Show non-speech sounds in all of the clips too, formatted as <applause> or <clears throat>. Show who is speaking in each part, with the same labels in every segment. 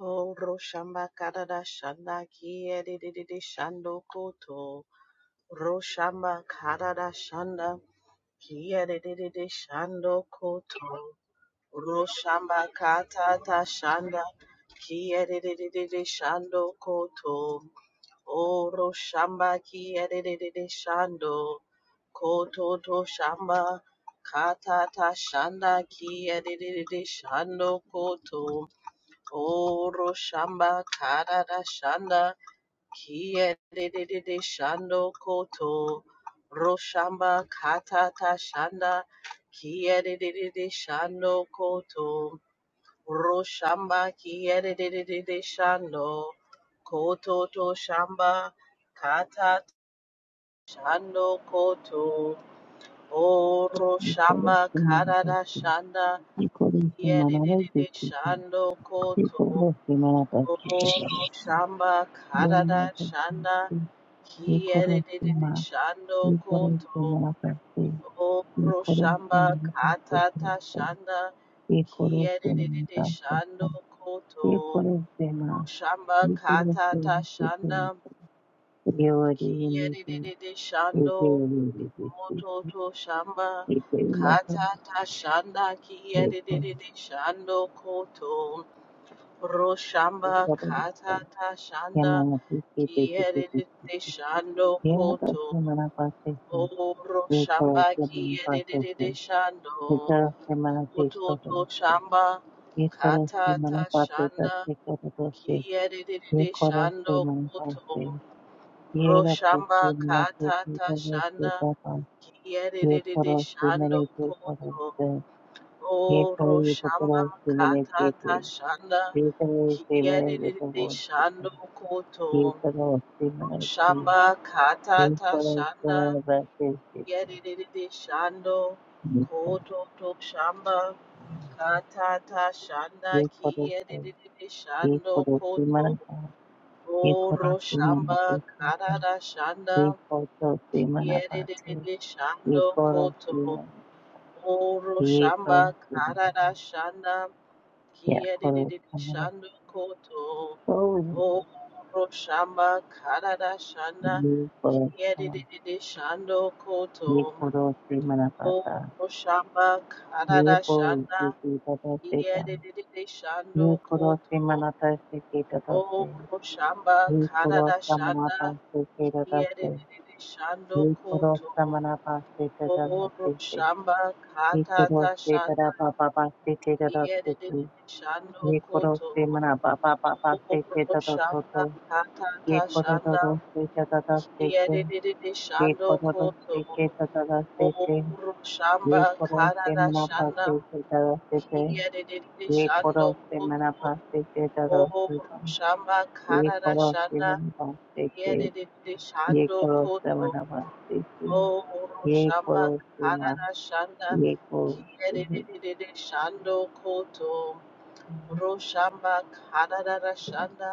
Speaker 1: Oh, Roshamba Karada Shanda Kie Didi Shando Koto. Roshamba Karada Shanda Kie Didi Shando Koto. Roshamba Katata Shanda Kie Didi Shando Koto. Oh, Roshamba Kie Didi Shando Koto To Shamba Katata Shanda Kie Didi Shando Koto. Koro shamba karara shanda kie de de de de shando koto roshamba katata shanda kie de de de de shando koto roshamba kie de de de de shando koto to shamba kata shando koto oro
Speaker 2: Nicolas
Speaker 1: shamba karara
Speaker 2: Manapaki,
Speaker 1: shanda
Speaker 2: Nicolas
Speaker 1: kie de de de de
Speaker 2: Manarayaki,
Speaker 1: shando koto
Speaker 2: Nicolas Manapaki,
Speaker 1: Oro shamba karada shanda
Speaker 2: Manapaki, Nicolas
Speaker 1: kiyerere
Speaker 2: Ma,
Speaker 1: shando
Speaker 2: Nicolas
Speaker 1: koto
Speaker 2: Manapaki,
Speaker 1: oro
Speaker 2: Nicolas
Speaker 1: shamba
Speaker 2: Manapaki, Nicolas
Speaker 1: katata
Speaker 2: Manapaki,
Speaker 1: shanda
Speaker 2: Nicolas
Speaker 1: kiyerere shando koto
Speaker 2: Ma,
Speaker 1: shamba
Speaker 2: Nicolas
Speaker 1: katata
Speaker 2: Manapaki,
Speaker 1: shanda
Speaker 2: Yori Niki,
Speaker 1: kiyerere
Speaker 2: Yori Niki,
Speaker 1: shando moto to shamba
Speaker 2: Nicolas Manapaki,
Speaker 1: katata shanda
Speaker 2: Nicolas
Speaker 1: kiyerere shando koto Roshamba shamba
Speaker 2: Manapaki,
Speaker 1: katata shanda
Speaker 2: Yamanapi, Nicolas
Speaker 1: Kiyerere
Speaker 2: Manapaki,
Speaker 1: shando
Speaker 2: Yena
Speaker 1: koto
Speaker 2: dosi mana pasese,
Speaker 1: oro
Speaker 2: yeko
Speaker 1: shamba
Speaker 2: dosi mana pasese,
Speaker 1: kiyerere shando
Speaker 2: yeko dosi mana
Speaker 1: koto
Speaker 2: teko
Speaker 1: to
Speaker 2: dosi,
Speaker 1: shamba
Speaker 2: yeko
Speaker 1: kata
Speaker 2: dosi mana
Speaker 1: ta
Speaker 2: pasese
Speaker 1: shanda
Speaker 2: teko dosi,
Speaker 1: kiyerere
Speaker 2: yeko dosi
Speaker 1: shando
Speaker 2: mana
Speaker 1: koto
Speaker 2: pasese,
Speaker 1: ro
Speaker 2: yera
Speaker 1: shamba
Speaker 2: kosi mana
Speaker 1: kata ta
Speaker 2: teko dosi
Speaker 1: shanda
Speaker 2: papa, yeko
Speaker 1: kiyerere
Speaker 2: dosi
Speaker 1: shando
Speaker 2: mana teko
Speaker 1: koto
Speaker 2: dosi, yeko
Speaker 1: oro
Speaker 2: yeko
Speaker 1: shamba
Speaker 2: dosi mana
Speaker 1: kata ta
Speaker 2: kete,
Speaker 1: shanda
Speaker 2: yeko dosi mana teko dosi, yeko dosi mana
Speaker 1: kiyerere
Speaker 2: teko,
Speaker 1: shando koto
Speaker 2: yeko dosi
Speaker 1: Shamba katata shanda
Speaker 2: mana pasese,
Speaker 1: yedididi shando koto to shamba katata shanda
Speaker 2: ye
Speaker 1: ki
Speaker 2: korosu,
Speaker 1: yedididi
Speaker 2: ye
Speaker 1: shando
Speaker 2: korosu
Speaker 1: koto
Speaker 2: manapa, ye
Speaker 1: oro
Speaker 2: korosu manapa
Speaker 1: shamba
Speaker 2: seko,
Speaker 1: karada
Speaker 2: ye
Speaker 1: shanda
Speaker 2: korosu manapa te,
Speaker 1: yedididi
Speaker 2: ye
Speaker 1: shando
Speaker 2: korosu
Speaker 1: koto
Speaker 2: manapa,
Speaker 1: oro
Speaker 2: ye
Speaker 1: shamba
Speaker 2: korosu
Speaker 1: karada
Speaker 2: manapa,
Speaker 1: shanda
Speaker 2: ye
Speaker 1: Kia de de de de
Speaker 2: korosu manapa,
Speaker 1: shando koto.
Speaker 2: oh,
Speaker 1: O roshamba karada shanda.
Speaker 2: ye korosu
Speaker 1: Kia de
Speaker 2: manapa,
Speaker 1: de de de shando koto.
Speaker 2: ye korosu manapa
Speaker 1: O
Speaker 2: ta,
Speaker 1: roshamba
Speaker 2: ye
Speaker 1: karada
Speaker 2: bo,
Speaker 1: shanda.
Speaker 2: ye ki tata se
Speaker 1: Kia
Speaker 2: ta,
Speaker 1: de de de de shando
Speaker 2: ye korosu
Speaker 1: koto.
Speaker 2: manapa se ki
Speaker 1: O
Speaker 2: tata se,
Speaker 1: roshamba
Speaker 2: ye
Speaker 1: karada
Speaker 2: korosu
Speaker 1: shanda.
Speaker 2: manapa se ki tata
Speaker 1: Kia de
Speaker 2: se,
Speaker 1: de de de shando
Speaker 2: ye korosu
Speaker 1: koto.
Speaker 2: manapa se
Speaker 1: O
Speaker 2: tata se, se.
Speaker 1: roshamba
Speaker 2: Ye koro
Speaker 1: katata
Speaker 2: se
Speaker 1: shanda.
Speaker 2: dada ba ba ba se te dada
Speaker 1: Kia
Speaker 2: se
Speaker 1: de de de
Speaker 2: tu.
Speaker 1: de shando
Speaker 2: Ye koro se
Speaker 1: koto.
Speaker 2: mana ba ba ba ba se
Speaker 1: Koro
Speaker 2: te dada to
Speaker 1: shanda
Speaker 2: to.
Speaker 1: kata
Speaker 2: Ye
Speaker 1: ta
Speaker 2: koro
Speaker 1: shanda
Speaker 2: dada se te dada se te.
Speaker 1: kiyerere
Speaker 2: Ye
Speaker 1: shando
Speaker 2: koro dada
Speaker 1: koto
Speaker 2: se ke dada se
Speaker 1: koro
Speaker 2: te.
Speaker 1: shamba
Speaker 2: Ye koro se
Speaker 1: karara
Speaker 2: mana ba
Speaker 1: shanda
Speaker 2: se te dada se te.
Speaker 1: kiyerere
Speaker 2: Ye
Speaker 1: shando
Speaker 2: koro se
Speaker 1: koto
Speaker 2: mana ba se te dada se
Speaker 1: koro
Speaker 2: te.
Speaker 1: shamba
Speaker 2: Ye
Speaker 1: karara
Speaker 2: koro se
Speaker 1: shanda
Speaker 2: mana ba se te.
Speaker 1: kiyerere
Speaker 2: Ye
Speaker 1: shando
Speaker 2: koro se
Speaker 1: koto
Speaker 2: mana ba se te.
Speaker 1: koro
Speaker 2: Ye
Speaker 1: shamba
Speaker 2: koro se ma.
Speaker 1: karara shanda
Speaker 2: Ye koro se.
Speaker 1: kiyerere shando koto koro shamba karara shanda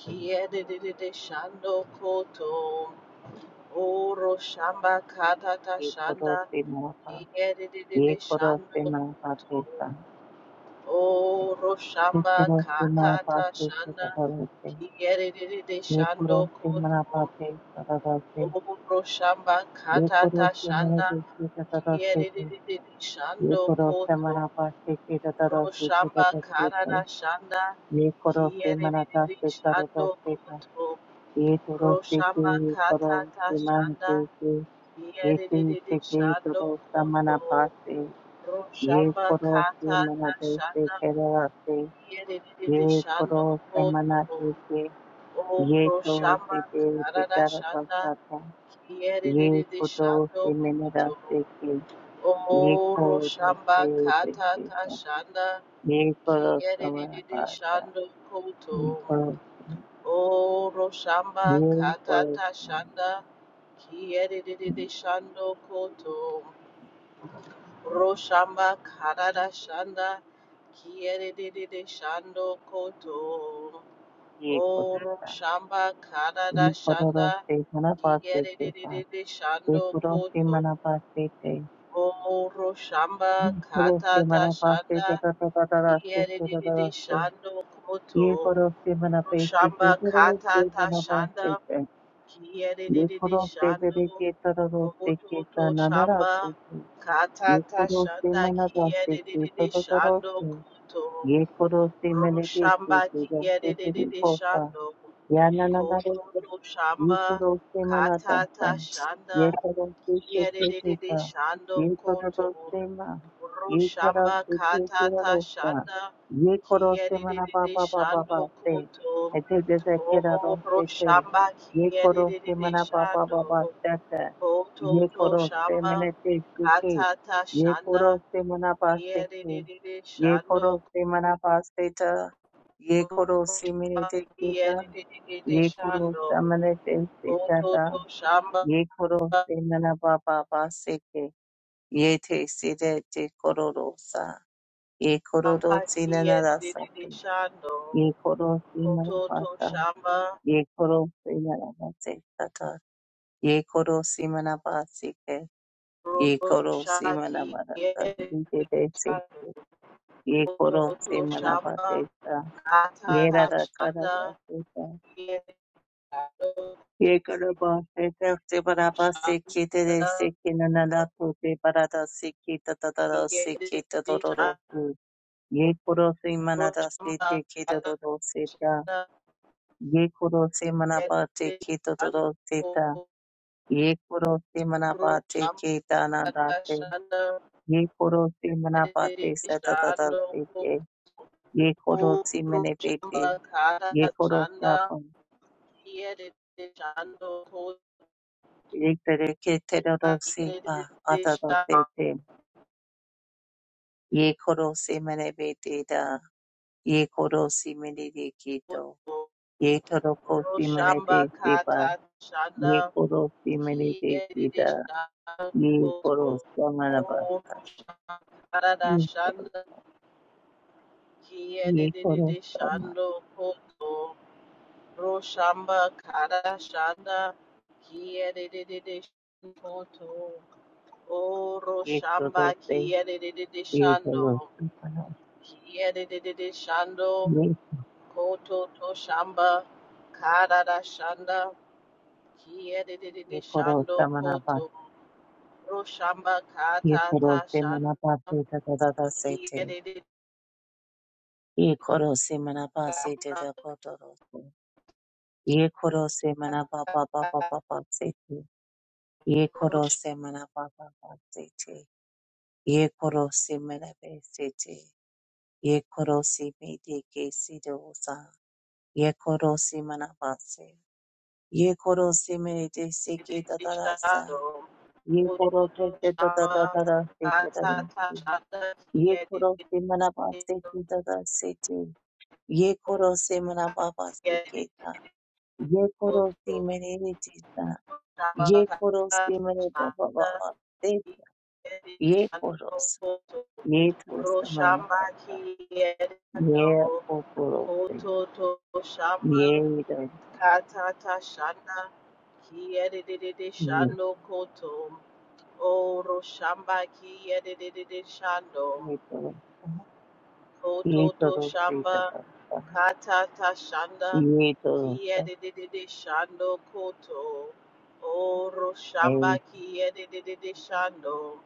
Speaker 1: Kiedede shando koto oro shamba katata
Speaker 2: Ye koro
Speaker 1: shanda
Speaker 2: mana ba. ye
Speaker 1: kiedede
Speaker 2: koro se
Speaker 1: shando
Speaker 2: ma ba te
Speaker 1: koto
Speaker 2: sa,
Speaker 1: oro
Speaker 2: ye
Speaker 1: shamba
Speaker 2: koro se ma ba
Speaker 1: katata
Speaker 2: te sa da
Speaker 1: shanda
Speaker 2: da da se,
Speaker 1: kiedede
Speaker 2: ye koro
Speaker 1: shando
Speaker 2: se ma ba
Speaker 1: koto
Speaker 2: te sa da da se,
Speaker 1: oro shamba
Speaker 2: ye koro
Speaker 1: katata
Speaker 2: se ma na
Speaker 1: shanda
Speaker 2: te se da da da se te,
Speaker 1: kiedede
Speaker 2: ye
Speaker 1: shando
Speaker 2: koro se ma
Speaker 1: koto
Speaker 2: na ba te ke da da da
Speaker 1: oro
Speaker 2: se te da
Speaker 1: shamba
Speaker 2: da se te,
Speaker 1: katata shanda
Speaker 2: ye koro se ma na da
Speaker 1: kiedede
Speaker 2: se ka da da
Speaker 1: shando
Speaker 2: se ka,
Speaker 1: koto
Speaker 2: ye toro se ke
Speaker 1: Roshamba
Speaker 2: ye koro
Speaker 1: kata
Speaker 2: se ma na
Speaker 1: tashanda
Speaker 2: te ke, ye te
Speaker 1: yedididi
Speaker 2: se ke
Speaker 1: shando
Speaker 2: toro se ma na
Speaker 1: koto.
Speaker 2: ye
Speaker 1: Roshamba
Speaker 2: koro se
Speaker 1: kata
Speaker 2: ma na se
Speaker 1: tashanda
Speaker 2: da da se, ये
Speaker 1: yedididi shando
Speaker 2: koro samana
Speaker 1: koto.
Speaker 2: deke.
Speaker 1: Om
Speaker 2: Ye to se
Speaker 1: roshamba
Speaker 2: de
Speaker 1: karada
Speaker 2: pitara
Speaker 1: shanda
Speaker 2: dasata. Ye
Speaker 1: yedididi
Speaker 2: koto
Speaker 1: shando
Speaker 2: se menera
Speaker 1: koto.
Speaker 2: deke.
Speaker 1: Om
Speaker 2: Ye koto
Speaker 1: roshamba
Speaker 2: से
Speaker 1: kata
Speaker 2: deke.
Speaker 1: tashanda
Speaker 2: Ye koro samana
Speaker 1: yedididi
Speaker 2: basa.
Speaker 1: shando
Speaker 2: Ye
Speaker 1: koto.
Speaker 2: koro
Speaker 1: O Roshamba
Speaker 2: ye koro
Speaker 1: Katata Shanda Kiedididi Shando Koto Roshamba Karada Shanda Kiedididi Shando Koto
Speaker 2: ye
Speaker 1: O
Speaker 2: koro sa.
Speaker 1: Roshamba
Speaker 2: Ye
Speaker 1: Karada
Speaker 2: koro
Speaker 1: Shanda
Speaker 2: se mana basa ke sa.
Speaker 1: Kiedididi
Speaker 2: Ye
Speaker 1: Shando
Speaker 2: koro se mana
Speaker 1: Koto
Speaker 2: basa te.
Speaker 1: O
Speaker 2: Ye
Speaker 1: Roshamba
Speaker 2: koro se
Speaker 1: Katata
Speaker 2: mana basa te ta
Speaker 1: Shanda
Speaker 2: ta ta ta ta se ta ta ta
Speaker 1: Kiedididi Shando
Speaker 2: ये
Speaker 1: Koto
Speaker 2: करो से मना पैसे के
Speaker 1: Roshamba
Speaker 2: तरह से
Speaker 1: Katata
Speaker 2: मना पास
Speaker 1: Shanda
Speaker 2: से के ये
Speaker 1: Kiyerere
Speaker 2: करो से बेरे
Speaker 1: shando
Speaker 2: के तरह रो से के
Speaker 1: kobototo
Speaker 2: तना ना
Speaker 1: shamba
Speaker 2: रास्ते के ये
Speaker 1: katata
Speaker 2: करो से
Speaker 1: shanda
Speaker 2: मना पास से के
Speaker 1: kiyerere
Speaker 2: तो करो
Speaker 1: shando
Speaker 2: से
Speaker 1: koto
Speaker 2: ये करो से
Speaker 1: ro
Speaker 2: मैंने देखे
Speaker 1: shamba
Speaker 2: के रास्ते तेरे
Speaker 1: kiyerere
Speaker 2: कोसा
Speaker 1: shando
Speaker 2: या ना ना रे
Speaker 1: kototo shamba
Speaker 2: Yekoroste manatasa.
Speaker 1: katata shanda
Speaker 2: Yekoroste
Speaker 1: kiyerere
Speaker 2: ketekita.
Speaker 1: shando koto
Speaker 2: Yekoroste ma.
Speaker 1: ro shamba
Speaker 2: Yekoroste
Speaker 1: katata
Speaker 2: ketekirarosta.
Speaker 1: shanda
Speaker 2: Yekoroste
Speaker 1: kiyerere shando
Speaker 2: manapapapapapase.
Speaker 1: koto
Speaker 2: I take this as
Speaker 1: ro
Speaker 2: kiraroste te.
Speaker 1: shamba
Speaker 2: Yekoroste
Speaker 1: kiyerere shando
Speaker 2: manapapapapasete.
Speaker 1: Kototo
Speaker 2: Yekoroste
Speaker 1: shamba
Speaker 2: menetesike.
Speaker 1: katata shanda
Speaker 2: Yekoroste manapaseke.
Speaker 1: yedidididi shando
Speaker 2: Yekoroste manapaseta.
Speaker 1: kumba
Speaker 2: Yekoroste menetekita
Speaker 1: yedidididi
Speaker 2: ye koro
Speaker 1: shando
Speaker 2: samane te se tata
Speaker 1: kototo shamba
Speaker 2: ye koro se nana ba ba ba se ke ye te se de te koro ro sa ye koro ro
Speaker 1: kumba
Speaker 2: se nana ra sa
Speaker 1: yedidididi
Speaker 2: te
Speaker 1: shando
Speaker 2: ye koro se mana ba
Speaker 1: kototo
Speaker 2: ta
Speaker 1: shamba
Speaker 2: ye koro se nana ba se tata ye koro se mana ba se ke ye koro se mana
Speaker 1: roshaki
Speaker 2: ba ra sa se te
Speaker 1: yedidididi
Speaker 2: te se ke
Speaker 1: shando
Speaker 2: ye koro
Speaker 1: kototo
Speaker 2: se mana ba te
Speaker 1: shamba
Speaker 2: sa ye
Speaker 1: katata
Speaker 2: ra ra ka ra
Speaker 1: shanda
Speaker 2: ra se
Speaker 1: yedidididi
Speaker 2: Yekarabase, terse parabase, kete dese
Speaker 1: shanda
Speaker 2: kena naatote, paradasi keta tada dosi keta
Speaker 1: yedidididi shando
Speaker 2: dororo. Yekurosi mana dasi
Speaker 1: Roshamba
Speaker 2: te keta
Speaker 1: kata
Speaker 2: dorosita.
Speaker 1: shanda
Speaker 2: Yekurosi mana pasi
Speaker 1: kiyerere
Speaker 2: keta
Speaker 1: shanda ko
Speaker 2: dorosita. Yekurosi mana pasi
Speaker 1: roshamba
Speaker 2: keta
Speaker 1: kata
Speaker 2: naatite.
Speaker 1: shanda
Speaker 2: Yekurosi mana pasi sa tada dosite. Yekurosi mane pite. Yekurosi apam.
Speaker 1: kiyerere
Speaker 2: Yektere kete dorosipa atadote. Ye koro se mene bete da. Ye koro si mene de keto. Ye toro ko si mene de seba. Ye koro si mene de kida. Ye koro samana bata. Ye koro. Ye koro sama.
Speaker 1: shanda ko Roshamba kara shanda kia de de de Kiedede Shoto O
Speaker 2: Ye
Speaker 1: Roshamba
Speaker 2: toro se.
Speaker 1: kia de de de de
Speaker 2: Ye
Speaker 1: Shando
Speaker 2: toro samana.
Speaker 1: kia de de de de Shando
Speaker 2: Ye.
Speaker 1: Koto to shamba kara da shanda kia de de de
Speaker 2: Ye
Speaker 1: de
Speaker 2: koro
Speaker 1: Shando
Speaker 2: samana ba.
Speaker 1: Koto Roshamba
Speaker 2: Ye koro
Speaker 1: Katata
Speaker 2: se mana ba
Speaker 1: Shanda
Speaker 2: se da da da da se
Speaker 1: kia
Speaker 2: te.
Speaker 1: de de de
Speaker 2: Ye koro se mana ba se te
Speaker 1: Shamba
Speaker 2: da ko toro se. Ye koro se mana ba ba ba ba ba ba se te. Ye koro
Speaker 1: Roshamba
Speaker 2: se mana baba basete. Ye koro se mana besete. Ye koro se mede ke se dosa. Ye koro se mana base. Ye koro se mede de se
Speaker 1: de
Speaker 2: ke
Speaker 1: de de
Speaker 2: tatarasa.
Speaker 1: Shando
Speaker 2: Ye koro te te
Speaker 1: Roshamba
Speaker 2: tatatara se te tarase. Ye koro se mana base te tatasete. Ye koro se mana baba se ke ta. Ye koro se mede de te ta. Ye koro se mede baba baba se. Ye koro. Ye tosamaya basa. Ye
Speaker 1: kiyendo
Speaker 2: oporote.
Speaker 1: to
Speaker 2: Ye
Speaker 1: shamba
Speaker 2: dorosama.
Speaker 1: katata shanda kiyedede
Speaker 2: Ye
Speaker 1: shando koto o roshamba kiyedede shando
Speaker 2: ye dorosama.
Speaker 1: koto
Speaker 2: Ye
Speaker 1: to
Speaker 2: dorose
Speaker 1: shamba
Speaker 2: dorosama.
Speaker 1: Katata Shanda
Speaker 2: Ye dorosama.
Speaker 1: Kiedidididi Shando Koto Oro Shamba
Speaker 2: Hey,
Speaker 1: Kiedidididi Shando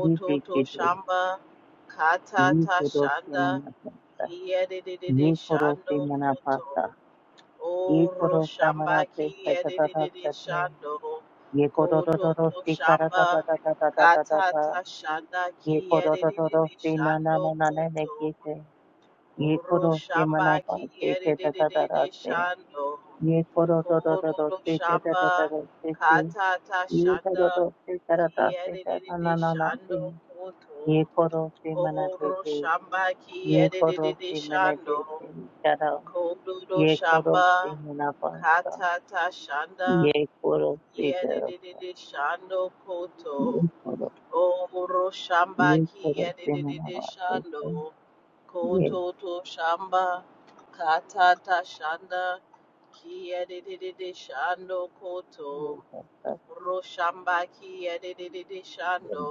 Speaker 2: ye
Speaker 1: To
Speaker 2: pekido.
Speaker 1: Shamba
Speaker 2: Ye
Speaker 1: Katata
Speaker 2: korose
Speaker 1: Shanda
Speaker 2: manapasa. Ye
Speaker 1: Kiedidididi
Speaker 2: korose
Speaker 1: Shando
Speaker 2: manapasa.
Speaker 1: Koto
Speaker 2: Ye
Speaker 1: Oro
Speaker 2: korosa
Speaker 1: Shamba
Speaker 2: manapesa
Speaker 1: Kiedidididi
Speaker 2: tatatatata.
Speaker 1: Shando
Speaker 2: Ye
Speaker 1: Koto To
Speaker 2: korodorose
Speaker 1: Shamba
Speaker 2: karatatatatatatatata.
Speaker 1: Katata Shanda
Speaker 2: Ye
Speaker 1: Kiedidididi
Speaker 2: korodorose na na na
Speaker 1: Shando
Speaker 2: na na
Speaker 1: Koto
Speaker 2: na ye
Speaker 1: Oro
Speaker 2: koro se
Speaker 1: shamba
Speaker 2: mana pa se
Speaker 1: kiyere
Speaker 2: te
Speaker 1: de
Speaker 2: da
Speaker 1: de
Speaker 2: da
Speaker 1: de
Speaker 2: da
Speaker 1: de
Speaker 2: da se
Speaker 1: shando.
Speaker 2: ye koro do do do
Speaker 1: Komoro
Speaker 2: do se te da
Speaker 1: shamba
Speaker 2: da da da se te
Speaker 1: kata ta
Speaker 2: ye da do
Speaker 1: shanda
Speaker 2: se da da da se
Speaker 1: kiyere de de
Speaker 2: da na na
Speaker 1: de
Speaker 2: na na te
Speaker 1: shando koto.
Speaker 2: ye koro se mana te
Speaker 1: Oro
Speaker 2: te
Speaker 1: shamba
Speaker 2: ye
Speaker 1: kiyere de de
Speaker 2: koro
Speaker 1: de
Speaker 2: se mana
Speaker 1: shando.
Speaker 2: te te da da
Speaker 1: Komoro
Speaker 2: ye koro
Speaker 1: shamba
Speaker 2: se mana pa sa
Speaker 1: kata ta shanda
Speaker 2: ye koro se da
Speaker 1: kiyere
Speaker 2: da
Speaker 1: de de
Speaker 2: da
Speaker 1: de shando koto.
Speaker 2: ye koro
Speaker 1: Oro shamba
Speaker 2: ye koro
Speaker 1: kiyere
Speaker 2: se
Speaker 1: de de
Speaker 2: mana
Speaker 1: de
Speaker 2: pa sa
Speaker 1: shando.
Speaker 2: sa. ye
Speaker 1: Kototo shamba katata shanda kiyedididi shando
Speaker 2: ye
Speaker 1: koto
Speaker 2: da da da.
Speaker 1: roshamba kiyedididi shando